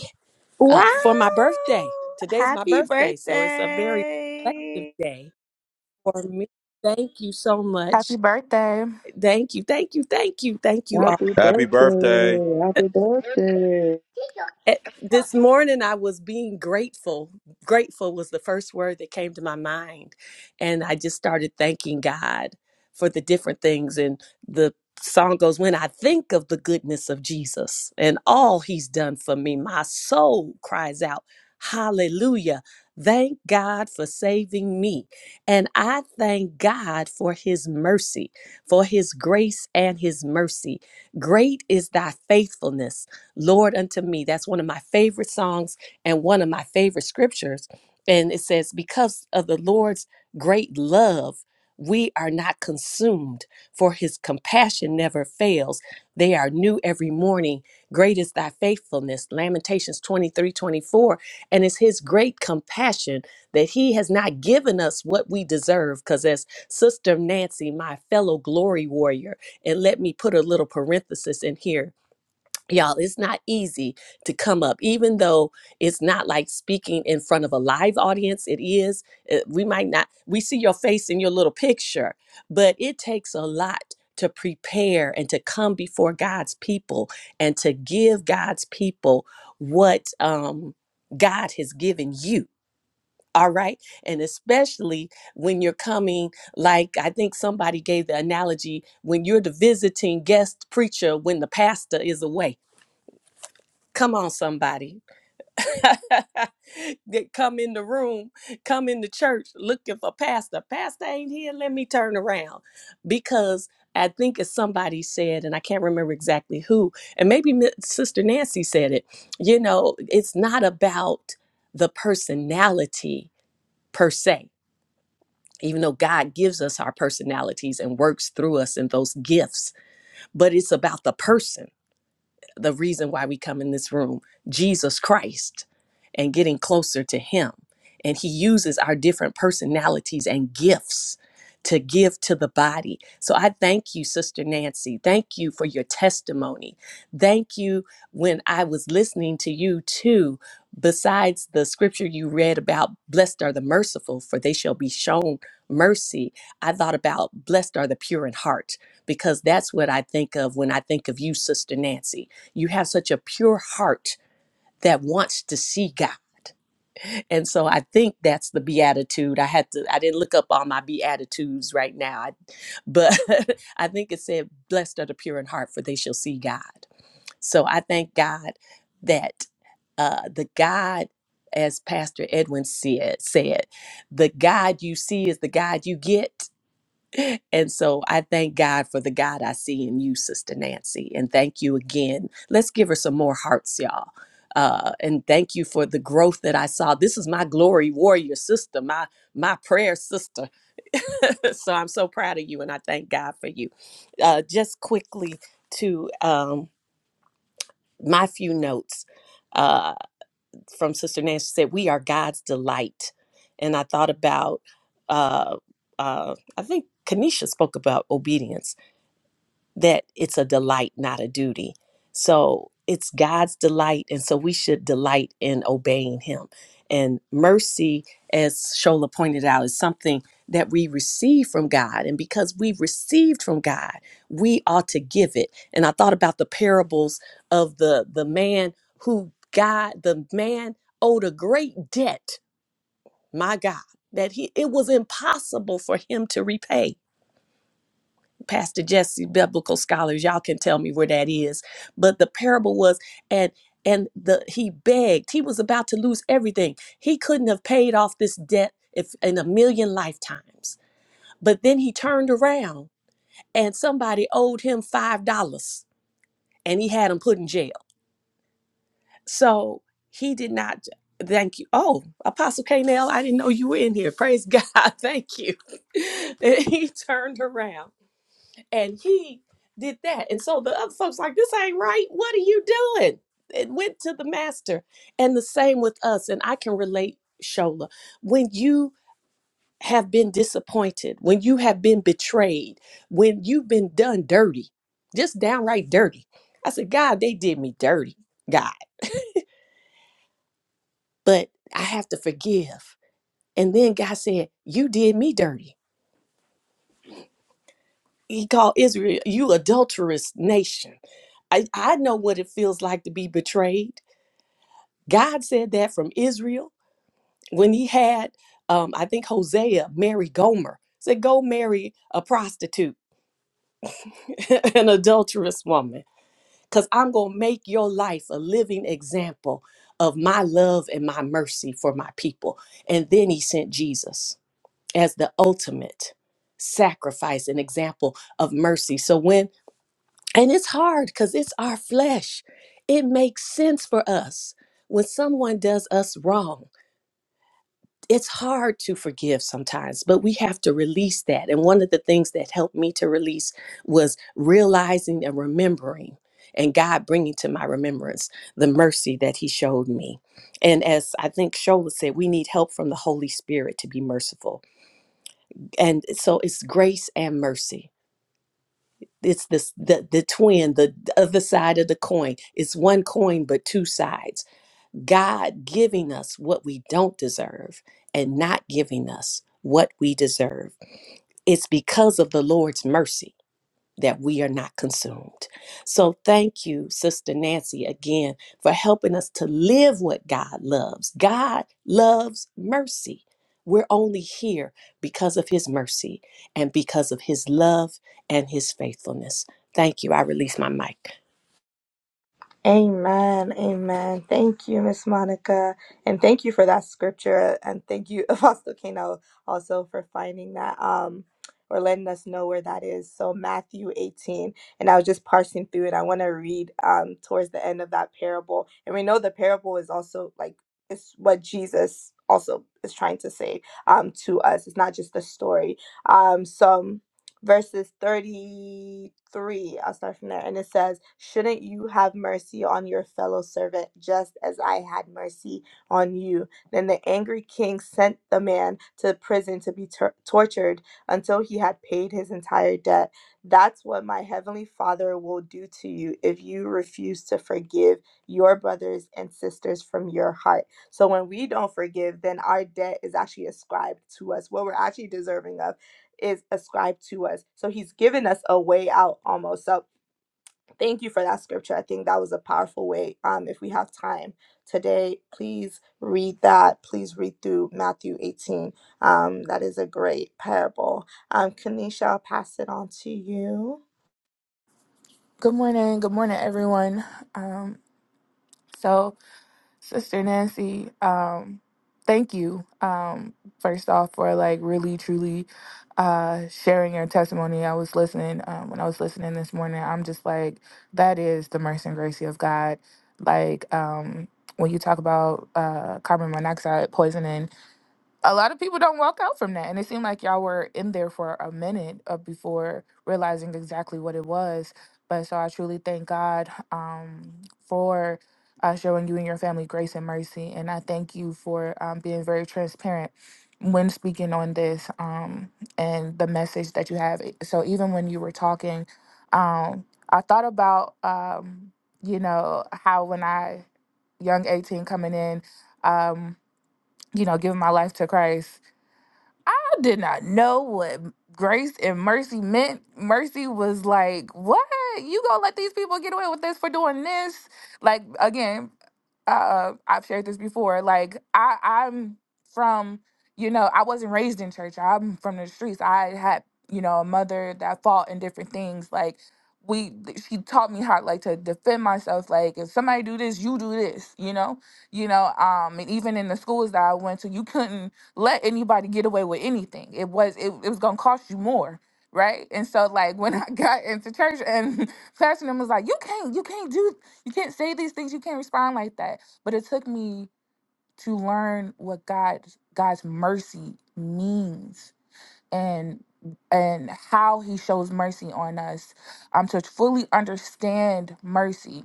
uh, for my birthday. Today's my birthday, so it's a very reflective day for me. Thank you so Happy much. birthday. Thank you, thank you, thank you, thank you all. Happy Happy birthday. birthday. Happy birthday. At- this morning i was being grateful grateful was the first word that came to my mind and i just started thanking god for the different things and the song goes when i think of the goodness of jesus and all he's done for me my soul cries out hallelujah thank god for saving me and i thank god for his mercy for his grace and his mercy great is thy faithfulness Lord unto me. That's one of my favorite songs and one of my favorite scriptures. And it says, Because of the Lord's great love, we are not consumed, for his compassion never fails. They are new every morning. Great is thy faithfulness. Lamentations 23, 24. And it's his great compassion that he has not given us what we deserve. Because as Sister Nancy, my fellow glory warrior, and let me put a little parenthesis in here Y'all, it's not easy to come up, even though it's not like speaking in front of a live audience. It is. uh, We might not, we see your face in your little picture, but it takes a lot to prepare and to come before God's people and to give God's people what um, God has given you. All right. And especially when you're coming, like I think somebody gave the analogy when you're the visiting guest preacher when the pastor is away Come on, somebody. that come in the room, come in the church looking for pastor. Pastor ain't here. Let me turn around. Because I think as somebody said, and I can't remember exactly who, and maybe Mi- Sister Nancy said it, you know, it's not about the personality per se, even though God gives us our personalities and works through us in those gifts, but it's about the person the reason why we come in this room Jesus Christ and getting closer to Him. And He uses our different personalities and gifts to give to the body. So I thank you, Sister Nancy. Thank you for your testimony. Thank you when I was listening to you too. Besides the scripture you read about, blessed are the merciful, for they shall be shown mercy. I thought about blessed are the pure in heart because that's what I think of when I think of you, Sister Nancy you have such a pure heart that wants to see God. And so I think that's the beatitude. I had to I didn't look up all my beatitudes right now. I- but I think it said blessed are the pure in heart for they shall see God. So I thank God that uh the God as Pastor Edwin said, said, the God you see is the God you get. And so I thank God for the God I see in you, Sister Nancy. And thank you again. Let's give her some more hearts, y'all. Uh, and thank you for the growth that I saw. This is my glory warrior sister, my my prayer sister. so I'm so proud of you, and I thank God for you. Uh, just quickly to um, my few notes. Uh, from Sister Nancy said, "We are God's delight," and I thought about, uh, uh, I think Kanisha spoke about obedience that it's a delight, not a duty. So it's God's delight. And so we should delight in obeying Him. And mercy, as Shola pointed out, is something that we receive from God. And because we've received from God, we ought to give it. And I thought about the parables of the, the man who God, the man owed a great debt, my God, that he it was impossible for him to repay. Pastor Jesse, biblical scholars, y'all can tell me where that is. But the parable was, and and the he begged. He was about to lose everything. He couldn't have paid off this debt if in a million lifetimes. But then he turned around and somebody owed him five dollars and he had him put in jail. So he did not thank you. Oh, Apostle Canel, I didn't know you were in here. Praise God. Thank you. And he turned around and he did that. And so the other folks like, this ain't right. What are you doing? It went to the master. And the same with us. And I can relate, Shola. When you have been disappointed, when you have been betrayed, when you've been done dirty, just downright dirty. I said, God, they did me dirty, God, but I have to forgive. And then God said, You did me dirty. He called Israel, you adulterous nation. I, I know what it feels like to be betrayed. God said that from Israel when he had, um, I think, Hosea marry Gomer. Said, go marry a prostitute, an adulterous woman, because I'm going to make your life a living example of my love and my mercy for my people. And then he sent Jesus as the ultimate sacrifice and example of mercy. So when, and it's hard because it's our flesh, it makes sense for us when someone does us wrong it's hard to forgive sometimes, but we have to release that. And one of the things that helped me to release was realizing and remembering, and God bringing to my remembrance the mercy that He showed me. And as I think Shola said, we need help from the Holy Spirit to be merciful. And so it's grace and mercy. It's this the the twin, the other side of the coin. It's one coin but two sides God giving us what we don't deserve and not giving us what we deserve. It's because of the Lord's mercy that we are not consumed. So thank you, Sister Nancy, again for helping us to live what God loves. God loves mercy. We're only here because of his mercy and because of his love and his faithfulness. Thank you. I release my mic. Good morning. Good morning, everyone. Um, so, Sister Nancy, um, thank you, um, first off, for like really, truly uh, sharing your testimony. I was listening, um, when I was listening this morning, I'm just like, that is the mercy and grace of God. Like, um, when you talk about uh, carbon monoxide poisoning, a lot of people don't walk out from that. And it seemed like y'all were in there for a minute uh, before realizing exactly what it was. But so I truly thank God um, for uh, showing you and your family grace and mercy. And I thank you for um, being very transparent when speaking on this um, and the message that you have. eh, So even when you were talking, um, I thought about, um, you know, how when I, young 18 coming in, um, you know, giving my life to Christ, I did not know what grace and mercy meant. Mercy was like, what? You gonna let these people get away with this for doing this? Like again, uh, I've shared this before. Like I, I'm from, you know, I wasn't raised in church. I'm from the streets. I had, you know, a mother that fought in different things. Like we, she taught me how like to defend myself. Like if somebody do this, you do this. You know, you know. Um, and even in the schools that I went to, you couldn't let anybody get away with anything. It was, it, it was gonna cost you more. Right. And so like when I got into church and Pastor was like, You can't, you can't do you can't say these things. You can't respond like that. But it took me to learn what God's God's mercy means and and how He shows mercy on us. Um, to fully understand mercy,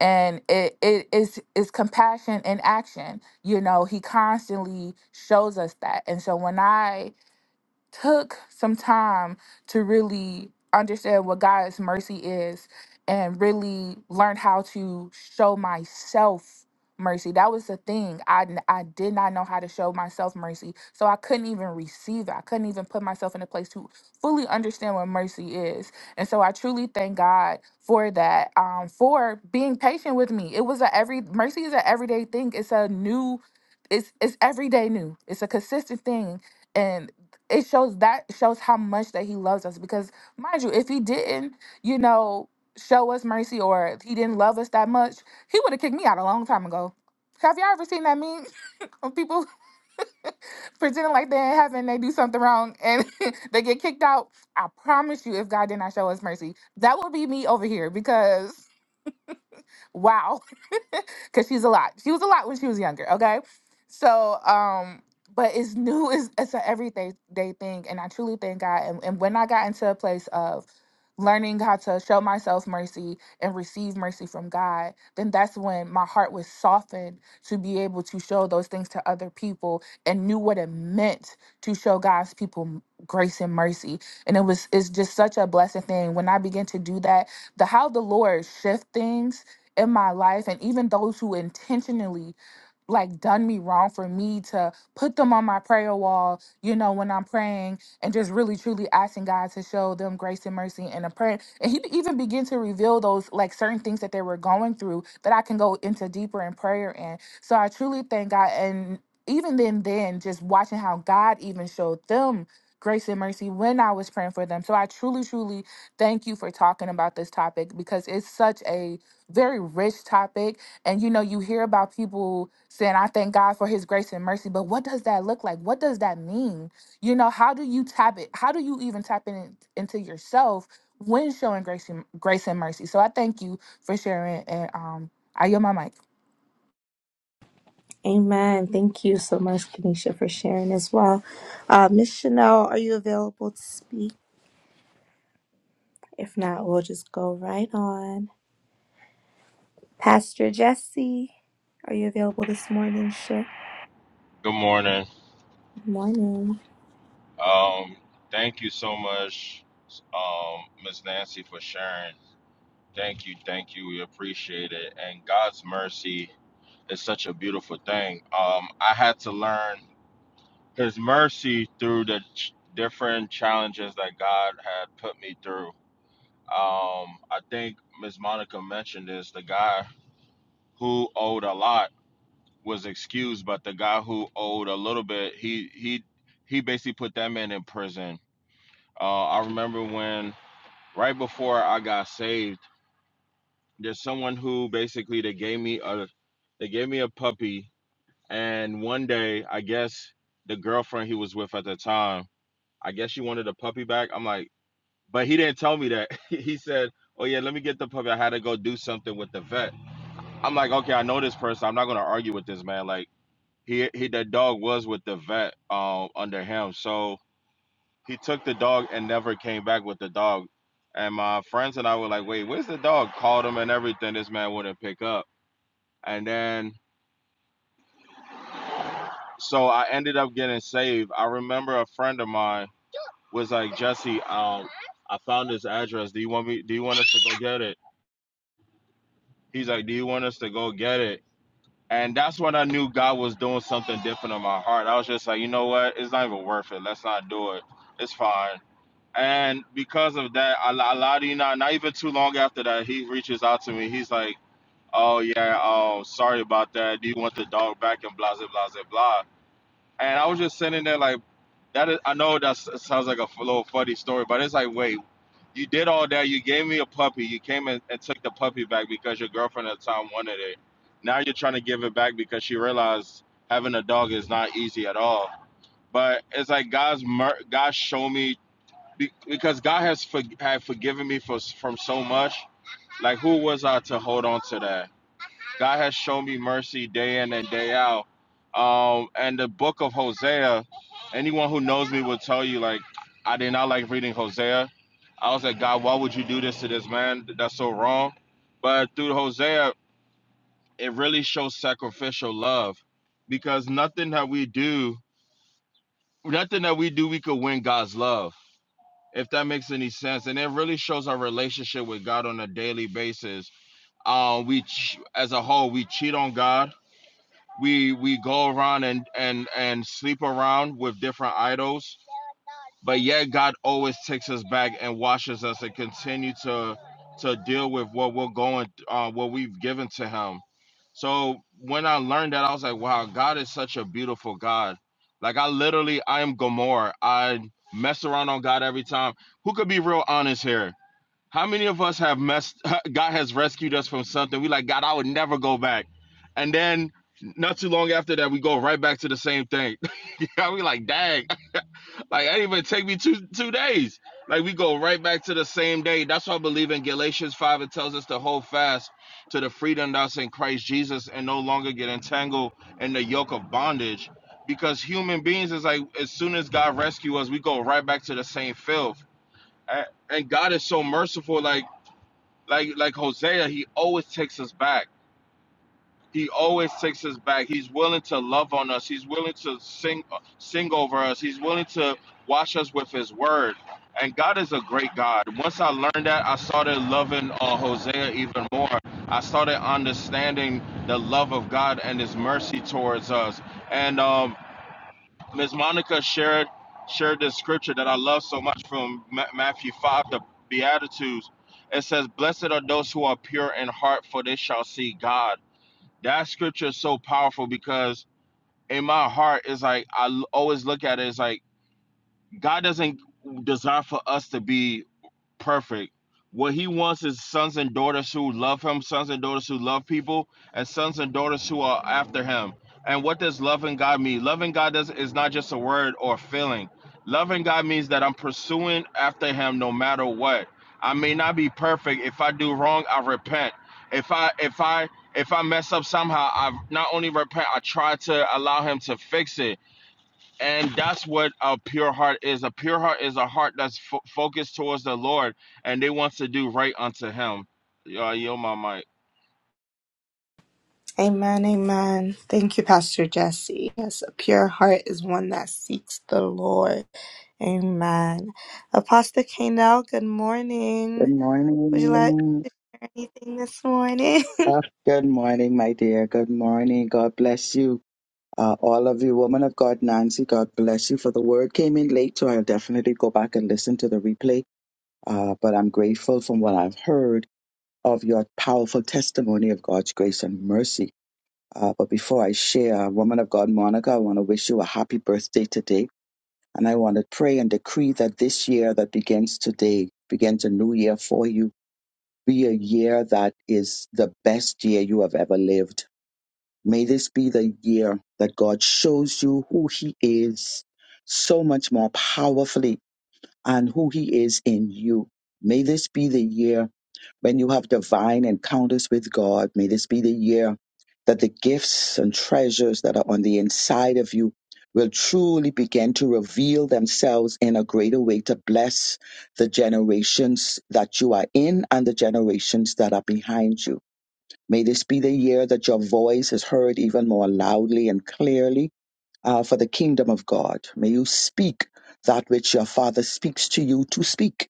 and it it is is compassion in action. You know, He constantly shows us that. And so when I took some time to really understand what God's mercy is and really learn how to show myself mercy. That was the thing. I, n- I did not know how to show myself mercy. So I couldn't even receive it. I couldn't even put myself in a place to fully understand what mercy is. And so I truly thank God for that, um, for being patient with me. It was a every mercy is an everyday thing. It's a new, it's it's everyday new. It's a consistent thing and it shows that shows how much that he loves us because mind you if he didn't you know show us mercy or if he didn't love us that much he would have kicked me out a long time ago have y'all ever seen that meme of people pretending like they're in heaven they do something wrong and they get kicked out i promise you if god did not show us mercy that would be me over here because wow because she's a lot. She was a lot when she was younger. Okay, so um, but it's new. It's it's an everyday day thing, and I truly thank God. And, and when I got into a place of learning how to show myself mercy and receive mercy from God, then that's when my heart was softened to be able to show those things to other people and knew what it meant to show God's people m- grace and mercy. And it was it's just such a blessed thing when I began to do that. The how the Lord shift things in my life and even those who intentionally like done me wrong for me to put them on my prayer wall, you know, when I'm praying and just really truly asking God to show them grace and mercy in a prayer. And he even begin to reveal those like certain things that they were going through that I can go into deeper in prayer in. So I truly thank God and even then then just watching how God even showed them grace and mercy when I was praying for them. So I truly truly thank you for talking about this topic because it's such a very rich topic. And you know, you hear about people saying, I thank God for his grace and mercy, but what does that look like? What does that mean? You know, how do you tap it? How do you even tap in, into yourself when showing grace and, grace and mercy? So I thank you for sharing and um I yield my mic. Good morning. Um, thank you so much, um, Miss Nancy, for sharing. Thank you, thank you. We appreciate it. And God's mercy is such a beautiful thing. Um, I had to learn His mercy through the ch- different challenges that God had put me through. Um, I think Miss Monica mentioned this. The guy who owed a lot. was excused, but the guy who owed a little bit, he he he basically put that man in prison. Uh, I remember when right before I got saved, there's someone who basically they gave me a they gave me a puppy, and one day I guess the girlfriend he was with at the time, I guess she wanted the puppy back. I'm like, but he didn't tell me that. he said, "Oh yeah, let me get the puppy. I had to go do something with the vet." I'm like, okay, I know this person. I'm not gonna argue with this man. Like. he he that dog was with the vet um under him so he took the dog and never came back with the dog and my friends and i were like wait where's the dog called him and everything this man wouldn't pick up and then so i ended up getting saved i remember a friend of mine was like jesse um i found this address do you want me do you want us to go get it he's like do you want us to go get it and that's when i knew god was doing something different in my heart i was just like you know what it's not even worth it let's not do it it's fine And because of that, I, I lie to you not. Not even too long after that, he reaches out to me. He's like, "Oh yeah, oh sorry about that. Do you want the dog back?" And blah blah blah blah. And I was just sitting there like, "That is." I know that sounds like a little funny story, but it's like, wait, you did all that. You gave me a puppy. You came and, and took the puppy back because your girlfriend at the time wanted it. Now you're trying to give it back because she realized having a dog is not easy at all. But it's like God's mer- God showed me be- because God has for- had forgiven me for from so much. Like who was I to hold on to that? God has shown me mercy day in and day out. Um, and the book of Hosea, anyone who knows me will tell you like I did not like reading Hosea. I was like, God, why would you do this to this man? That's so wrong. But through Hosea, it really shows sacrificial love because nothing that we do, nothing that we do, we could win God's love if that makes any sense and it really shows our relationship with god on a daily basis uh, we ch- as a whole we cheat on god we we go around and and and sleep around with different idols but yet God always takes us back and washes us and continue to to deal with what we're going uh what we've given to him. So when I learned that I was like, wow, God is such a beautiful God. Like I literally I am Gomorrah. I mess around on God every time. Who could be real honest here? How many of us have messed God has rescued us from something? We like, God, I would never go back. And then not too long after that, we go right back to the same thing. we like, dang. Like, that even take me two two days. Like, we go right back to the same day. That's why I believe in Galatians 5. It tells us to hold fast to the freedom that's in Christ Jesus and no longer get entangled in the yoke of bondage. Because human beings is like, as soon as God rescue us, we go right back to the same filth. And God is so merciful. Like, like, like Hosea, he always takes us back. He always takes us back. He's willing to love on us. He's willing to sing uh, sing over us. He's willing to wash us with his word. And God is a great God. Once I learned that, I started loving uh, Hosea even more. I started understanding the love of God and his mercy towards us. And um, Ms. Monica shared shared this scripture that I love so much from Ma- Matthew 5, the Beatitudes. It says, Blessed are those who are pure in heart, for they shall see God that scripture is so powerful because in my heart it's like I always look at it as like God doesn't desire for us to be perfect. What he wants is sons and daughters who love him, sons and daughters who love people, and sons and daughters who are after him. And what does loving God mean? Loving God does, is not just a word or a feeling. Loving God means that I'm pursuing after him no matter what. I may not be perfect. If I do wrong, I repent. If I if I if I mess up somehow, I not only repent, I try to allow him to fix it and that's what a pure heart is a pure heart is a heart that's fo- focused towards the lord and they wants to do right unto him uh, yo my mic. Good morning. Ah, good morning, my dear. Good morning. God bless you. Uh, all of you, woman of God, Nancy, God bless you for the word. Came in late, so I'll definitely go back and listen to the replay. Uh, but I'm grateful from what I've heard of your powerful testimony of God's grace and mercy. Uh, but before I share, woman of God, Monica, I want to wish you a happy birthday today. And I want to pray and decree that this year that begins today, begins a new year for you, be a year that is the best year you have ever lived. May this be the year that God shows you who He is so much more powerfully and who He is in you. May this be the year when you have divine encounters with God, may this be the year that the gifts and treasures that are on the inside of you will truly begin to reveal themselves in a greater way to bless the generations that you are in and the generations that are behind you. May this be the year that your voice is heard even more loudly and clearly uh, for the kingdom of God. May you speak that which your Father speaks to you to speak.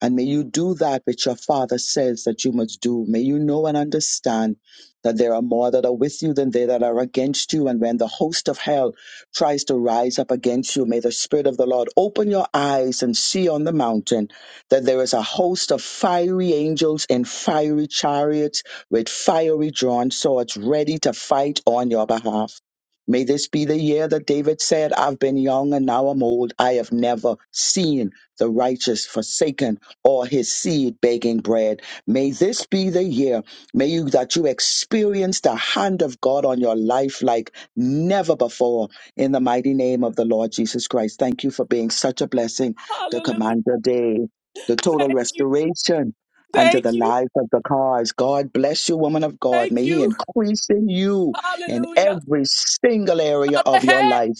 And may you do that which your Father says that you must do. May you know and understand that there are more that are with you than they that are against you. And when the host of hell tries to rise up against you, may the Spirit of the Lord open your eyes and see on the mountain that there is a host of fiery angels in fiery chariots with fiery drawn swords ready to fight on your behalf. May this be the year that David said, I've been young and now I'm old. I have never seen the righteous forsaken or his seed begging bread. May this be the year, may you that you experience the hand of God on your life like never before in the mighty name of the Lord Jesus Christ. Thank you for being such a blessing to Hallelujah. Commander Day, the total Thank you. restoration unto the Thank you. life of the cause. God bless you, woman of God. Thank May he you. increase in you in Hallelujah. every single area of Father, your Hey, life.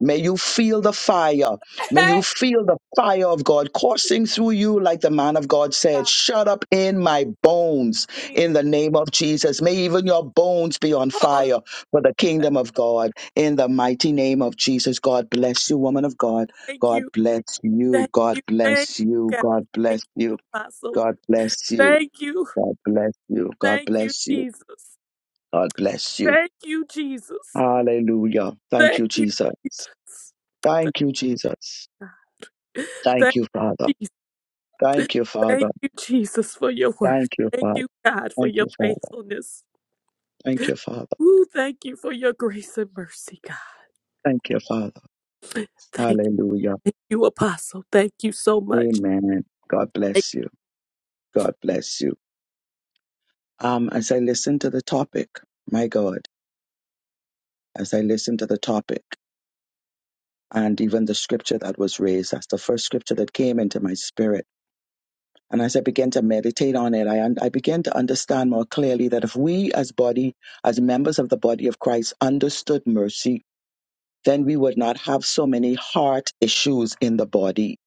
May you feel the fire. May you hey, feel the fire of God coursing through you, like the man of God said, God, Shut up in my bones Jesus. in the name of Jesus. May even your bones be on Holy, fire for the kingdom of God in the mighty name of Jesus. God bless you, woman of God. thank God you. bless you. Thank God you. Thank you, bless you. God. God bless Thank you. you, Apostle. God bless you. Thank you. God bless you. God Thank you, bless you. Jesus. God bless you. Thank you, Jesus. Hallelujah. Thank Thank you, you, Jesus. Jesus. Th- Thank you, Jesus. Thank Thank you, Father. you, Jesus. Thank you, Father. Thank you, Jesus, for your word. Thank you, Thank Father. you, God, for Thank your you, Father. faithfulness. Thank you, Father. Ooh, thank you for your grace and mercy, God. Thank you, Father. Thank you, Hallelujah. thank you Apostle. Thank you so much. Amen. God bless you. God bless you. Um, as I listen to the topic, my God, as I listen to the topic and even the scripture that was raised, that's the first scripture that came into my spirit. And as I began to meditate on it, I, un- I began to understand more clearly that if we as body, as members of the body of Christ understood mercy then we would not have so many heart issues in the body.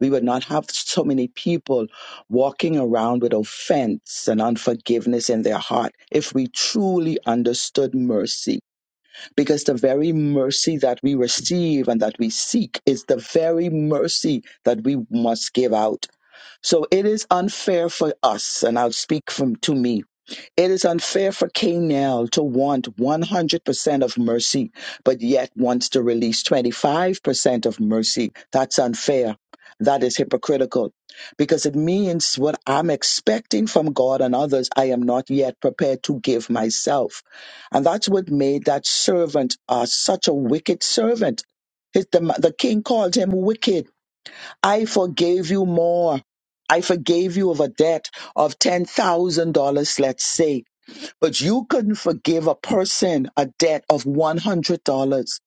We would not have so many people walking around with offense and unforgiveness in their heart if we truly understood mercy. Because the very mercy that we receive and that we seek is the very mercy that we must give out. So it is unfair for us, and I'll speak from to me it is unfair for Canaan to want 100% of mercy, but yet wants to release 25% of mercy. That's unfair. That is hypocritical because it means what I'm expecting from God and others, I am not yet prepared to give myself. And that's what made that servant uh, such a wicked servant. His, the, the king called him wicked. I forgave you more. I forgave you of a debt of $10,000, let's say but you couldn't forgive a person a debt of $100.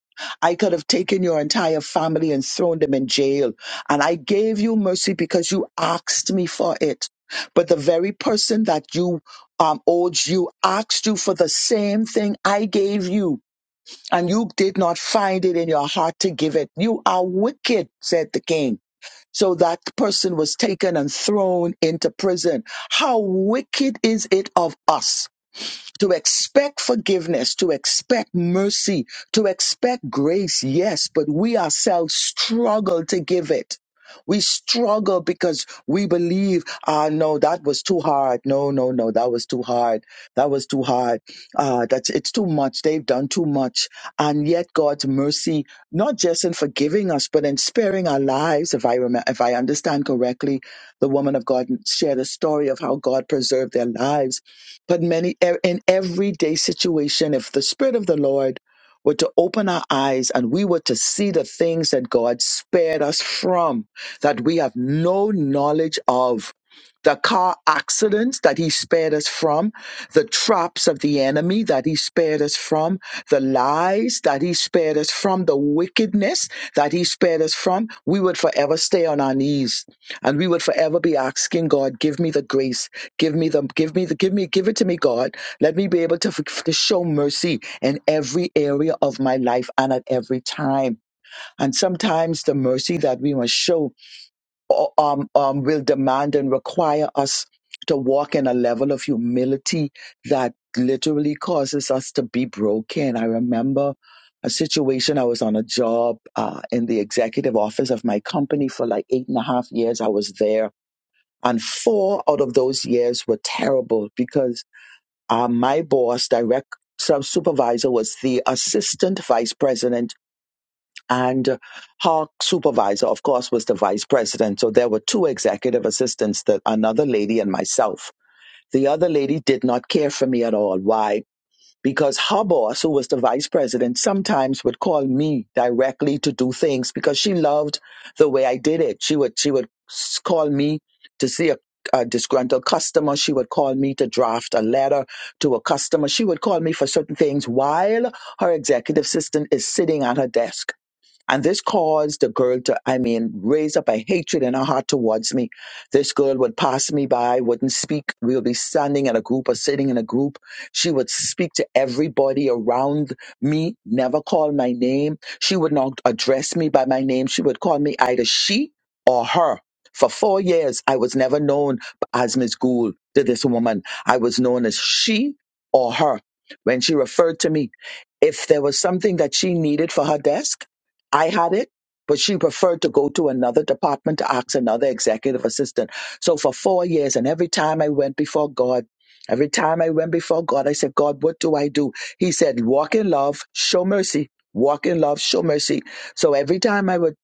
I could have taken your entire family and thrown them in jail. And I gave you mercy because you asked me for it. But the very person that you um, owed you asked you for the same thing I gave you. And you did not find it in your heart to give it. You are wicked, said the king. So that person was taken and thrown into prison. How wicked is it of us? to expect forgiveness, to expect mercy, to expect grace, yes, but we ourselves struggle to give it. We struggle because we believe, ah, no, that was too hard. No, no, no, that was too hard. That was too hard. Ah, that's it's too much. They've done too much. And yet, God's mercy, not just in forgiving us, but in sparing our lives. If I remember, if I understand correctly, the woman of God shared a story of how God preserved their lives but many e- in everyday situation, if the Spirit of the Lord were to open our eyes and we were to see the things that God spared us from, that we have no knowledge of, the car accidents that He spared us from, the traps of the enemy that He spared us from, the lies that He spared us from, the wickedness that He spared us from, we would forever stay on our knees and we would forever be asking God, Give me the grace Give me the, give me the, give me, give it to me, God. Let me be able to, f- to show mercy in every area of my life and at every time. And sometimes the mercy that we must show uh, um, um, will demand and require us to walk in a level of humility that literally causes us to be broken. I remember a situation. I was on a job uh, in the executive office of my company for like eight and a half years. I was there and four out of those years were terrible because uh, my boss, direct sub supervisor, was the assistant vice president, and uh, her supervisor, of course, was the vice president. So there were two executive assistants, that another lady and myself. The other lady did not care for me at all. Why? because her boss, who was the vice president, sometimes would call me directly to do things because she loved the way I did it. She would she would s- call me to see a, a disgruntled customer. She would call me to draft a letter to a customer. She would call me for certain things while her executive assistant is sitting at her desk. And this caused the girl to, I mean, raise up a hatred in her heart towards me. This girl would pass me by, wouldn't speak. We would be standing in a group or sitting in a group. She would speak to everybody around me, never call my name. She would not address me by my name. She would call me either she or her. For four years, I was never known as Miss Gould to this woman. I was known as she or her. When she referred to me, if there was something that she needed for her desk, I had it, but she preferred to go to another department to ask another executive assistant. So for four years, and every time I went before God, every time I went before God, I said, God, what do I do? He said, walk in love, show mercy, walk in love, show mercy. So every time I would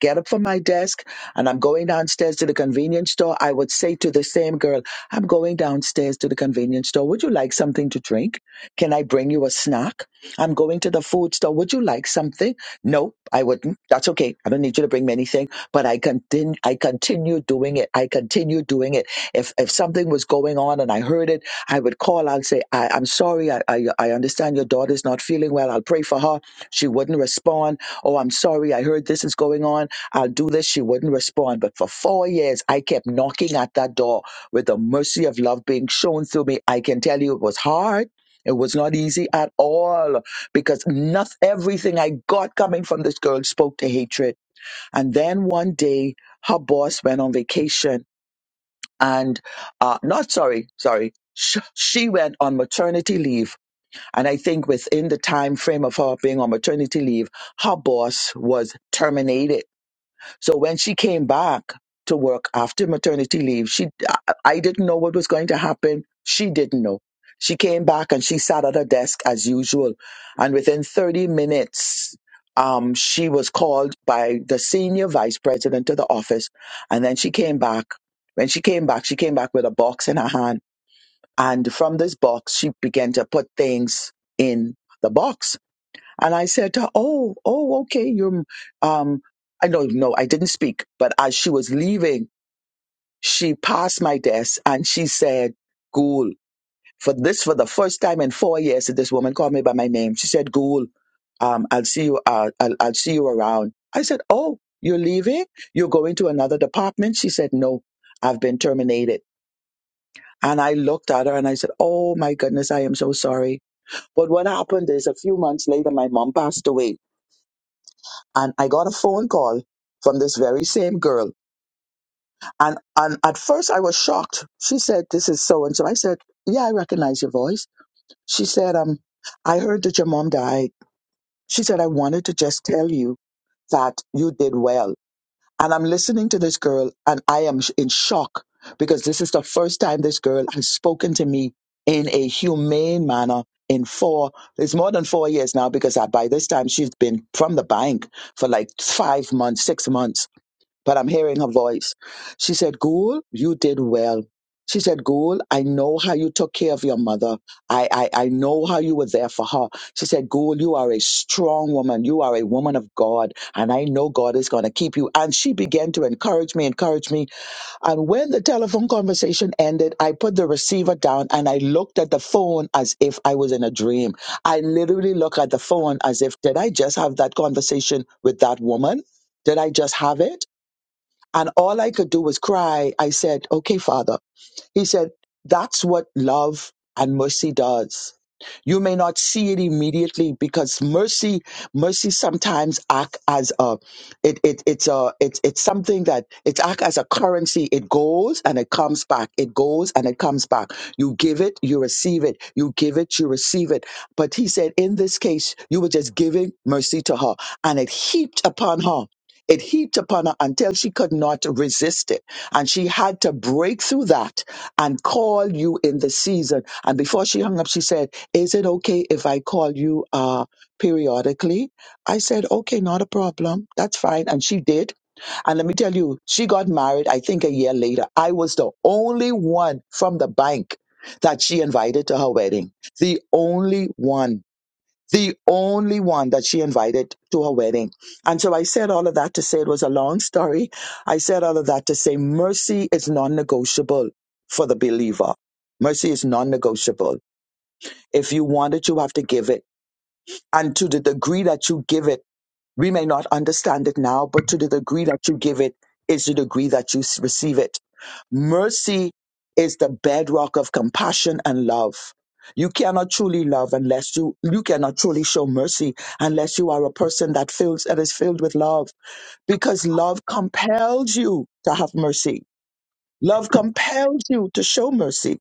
get up from my desk and I'm going downstairs to the convenience store, I would say to the same girl, I'm going downstairs to the convenience store. Would you like something to drink? Can I bring you a snack? I'm going to the food store. Would you like something? No, I wouldn't. That's okay. I don't need you to bring me anything. But I continue, I continue doing it. I continue doing it. If if something was going on and I heard it, I would call. I'll say, I, I'm sorry. I, I I understand your daughter's not feeling well. I'll pray for her. She wouldn't respond. Oh, I'm sorry. I heard this is going on. I'll do this. She wouldn't respond. But for four years, I kept knocking at that door with the mercy of love being shown through me. I can tell you, it was hard. It was not easy at all because nothing, everything I got coming from this girl spoke to hatred. And then one day, her boss went on vacation, and uh, not sorry, sorry. sh- She went on maternity leave, and I think within the time frame of her being on maternity leave, her boss was terminated so when she came back to work after maternity leave, she I I didn't know what was going to happen. She didn't know. She came back and she sat at her desk as usual, and within 30 minutes, um, she was called by the senior vice president to the office, and then she came back. When she came back, she came back with a box in her hand, and from this box, she began to put things in the box and I said to her, Oh, oh, okay, you're, um, I don't know, I didn't speak, but as she was leaving, she passed my desk and she said, Ghoul, for this, for the first time in four years, that this woman called me by my name. She said, Ghoul, um, I'll see you, uh, I'll, I'll see you around. I said, Oh, you're leaving? You're going to another department? She said, No, I've been terminated. And I looked at her and I said, Oh my goodness, I am so sorry. But what happened is a few months later, my mom passed away and I got a phone call from this very same girl. And and at first I was shocked. She said, "This is so and so." I said, "Yeah, I recognize your voice." She said, "Um, I heard that your mom died." She said, "I wanted to just tell you that you did well." And I'm listening to this girl, and I am sh- in shock because this is the first time this girl has spoken to me in a humane manner in four it's more than four years now because I, by this time she's been from the bank for like five months six months but I'm hearing her voice. She said, Ghoul, you did well. She said, Ghoul, I know how you took care of your mother. I, I, I know how you were there for her. She said, Ghoul, you are a strong woman. You are a woman of God. And I know God is going to keep you. And she began to encourage me, encourage me. And when the telephone conversation ended, I put the receiver down and I looked at the phone as if I was in a dream. I literally look at the phone as if, did I just have that conversation with that woman? Did I just have it? And all I could do was cry. I said, okay, Father. He said, that's what love and mercy does. You may not see it immediately because mercy, mercy sometimes act as a, it, it, it's a, it's, it's something that it's act as a currency. It goes and it comes back. It goes and it comes back. You give it, you receive it. You give it, you receive it. But he said, in this case, you were just giving mercy to her and it heaped upon her. It heaped upon her until she could not resist it and she had to break through that and call you in the season. And before she hung up, she said, Is it okay if I call you uh, periodically? I said, Okay, not a problem. That's fine. And she did. And let me tell you, she got married, I think a year later. I was the only one from the bank that she invited to her wedding. The only one the only one that she invited to her wedding. And so I said all of that to say it was a long story. I said all of that to say mercy is non negotiable for the believer. Mercy is non negotiable. If you want it, you have to give it. And to the degree that you give it, we may not understand it now, but to the degree that you give it is the degree that you s- receive it. Mercy is the bedrock of compassion and love. You cannot truly love unless you you cannot truly show mercy unless you are a person that feels that is filled with love because love compels you to have mercy. Love compels you to show mercy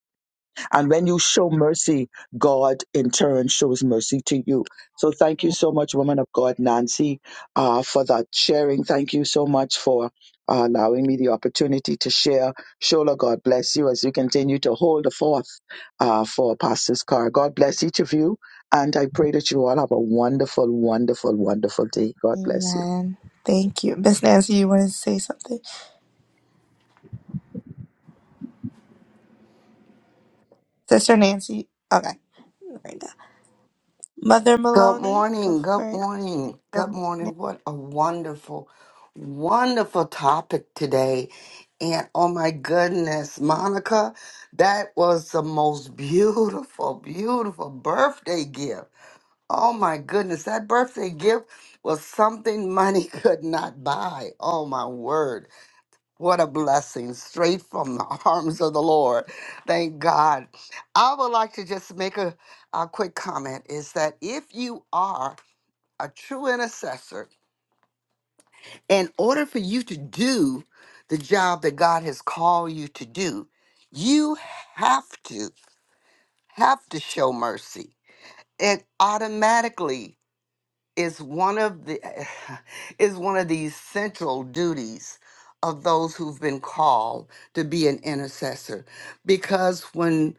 and when you show mercy, God in turn shows mercy to you. So thank you so much, woman of God, Nancy, uh, for that sharing. Thank you so much for uh, allowing me the opportunity to share. Shola, God bless you as you continue to hold the forth uh, for Pastor's Car. God bless each of you. And I pray that you all have a wonderful, wonderful, wonderful day. God bless you. Good morning. Good morning. Good morning. What a wonderful, wonderful topic today. And oh my goodness, Monica, that was the most beautiful, beautiful birthday gift. Oh my goodness, that birthday gift was something money could not buy. Oh my word. What a blessing straight from the arms of the Lord. Thank God. I would like to just make a a quick comment is that if you are a true intercessor, in order for you to do the job that God has called you to do, you have to have to show mercy. It automatically is one of the is one of the central duties of those who've been called to be an intercessor because when.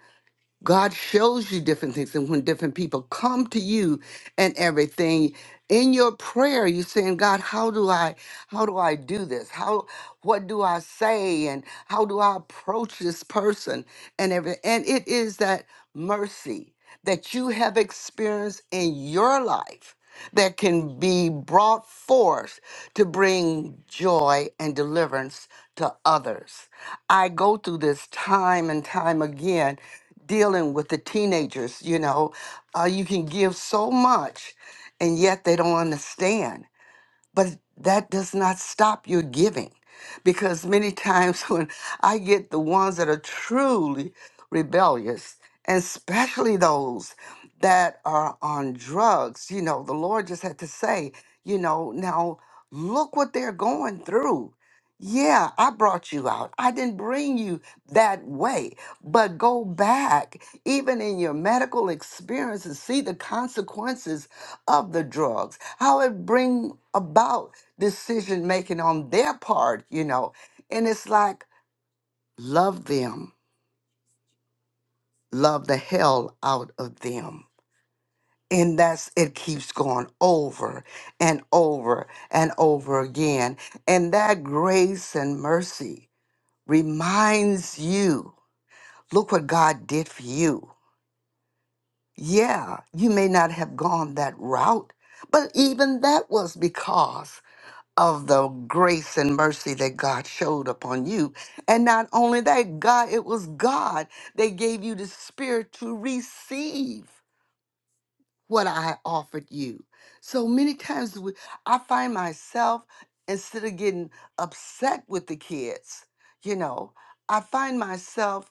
God shows you different things, and when different people come to you and everything, in your prayer, you're saying, God, how do I, how do I do this? How, what do I say, and how do I approach this person, and everything? And it is that mercy that you have experienced in your life that can be brought forth to bring joy and deliverance to others. I go through this time and time again dealing with the teenagers, you know. Uh, you can give so much and yet they don't understand but that does not stop your giving because many times when i get the ones that are truly rebellious and especially those that are on drugs you know the lord just had to say you know now look what they're going through yeah i brought you out i didn't bring you that way but go back even in your medical experience and see the consequences of the drugs, how it bring about decision making on their part, you know. And it's like love them, love the hell out of them. And that's it keeps going over and over and over again. And that grace and mercy reminds you, look what God did for you. Yeah, you may not have gone that route, but even that was because of the grace and mercy that God showed upon you. And not only that, God, it was God that gave you the spirit to receive what I offered you. So many times we, I find myself, instead of getting upset with the kids, you know, I find myself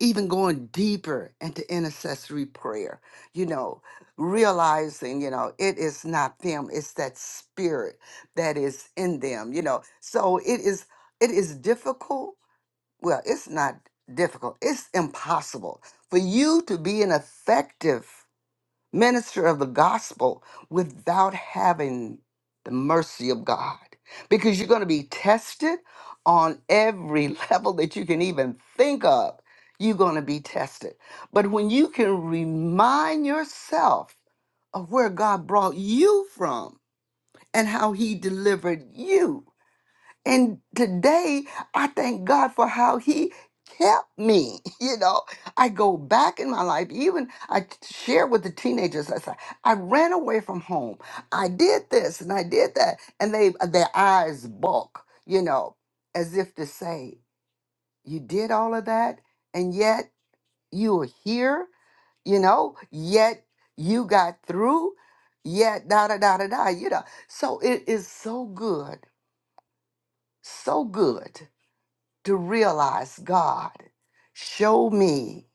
even going deeper into intercessory prayer, you know, realizing, you know, it is not them, it's that spirit that is in them, you know. So it is it is difficult. Well, it's not difficult. It's impossible for you to be an effective minister of the gospel without having the mercy of God because you're going to be tested on every level that you can even think of. You're going to be tested. But when you can remind yourself of where God brought you from and how he delivered you, and today, I thank God for how He kept me. You know, I go back in my life, even I t- share with the teenagers, I say, I ran away from home. I did this and I did that. And they uh, their eyes bulk, you know, as if to say, You did all of that, and yet you were here, you know, yet you got through, yet da da da da da, you know. So it is so good, so good to realize, God, show me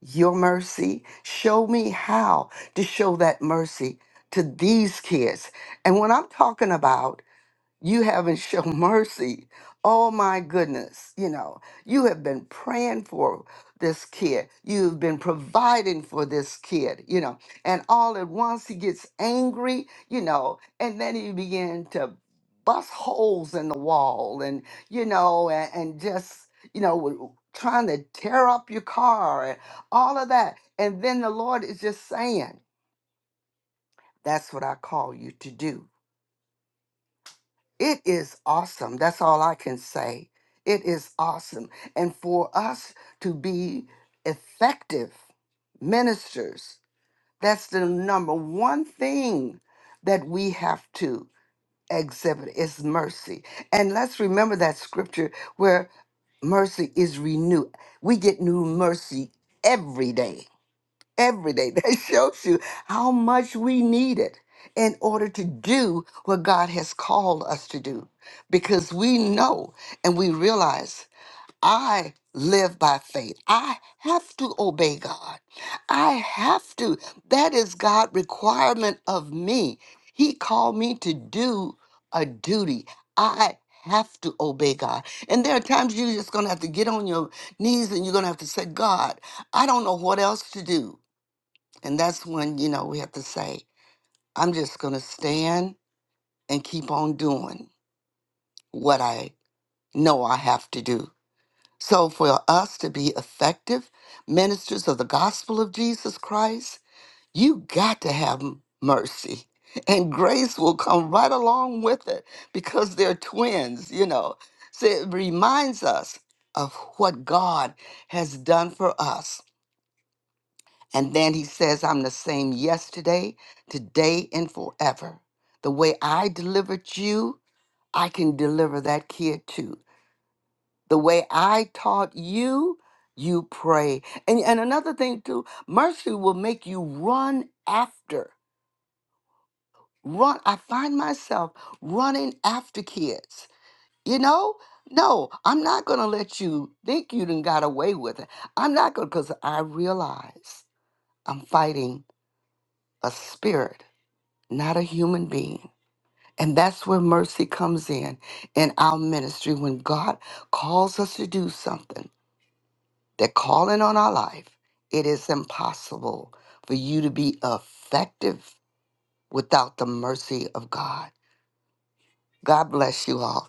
your mercy. Show me how to show that mercy to these kids. And when I'm talking about you haven't shown mercy. Oh my goodness, you know, you have been praying for this kid. You've been providing for this kid, you know, and all at once he gets angry, you know, and then he began to bust holes in the wall and, you know, and, and just, you know, w- trying to tear up your car and all of that. And then the Lord is just saying, that's what I call you to do It is awesome. That's all I can say. It is awesome. And for us to be effective ministers, that's the number one thing that we have to exhibit is mercy. And let's remember that scripture where mercy is renewed. We get new mercy every day every day. That shows you how much we need it in order to do what God has called us to do. Because we know and we realize I live by faith. I have to obey God. I have to. That is God's requirement of me. He called me to do a duty. I have to obey God. And there are times you're just going to have to get on your knees and you're going to have to say, God, I don't know what else to do. And that's when, you know, we have to say, I'm just going to stand and keep on doing what I know I have to do. So, for us to be effective ministers of the gospel of Jesus Christ, you got to have m- mercy. And grace will come right along with it because they're twins, you know. So, it reminds us of what God has done for us And then he says, I'm the same yesterday, today, and forever. The way I delivered you, I can deliver that kid too. The way I taught you, you pray. And, and another thing too, mercy will make you run after. Run. I find myself running after kids. You know? No, I'm not gonna let you think you done got away with it. I'm not gonna because I realize I'm fighting a spirit not a human being. And that's where mercy comes in in our ministry. When God calls us to do something, that calling on our life, it is impossible for you to be effective without the mercy of God. God bless you all.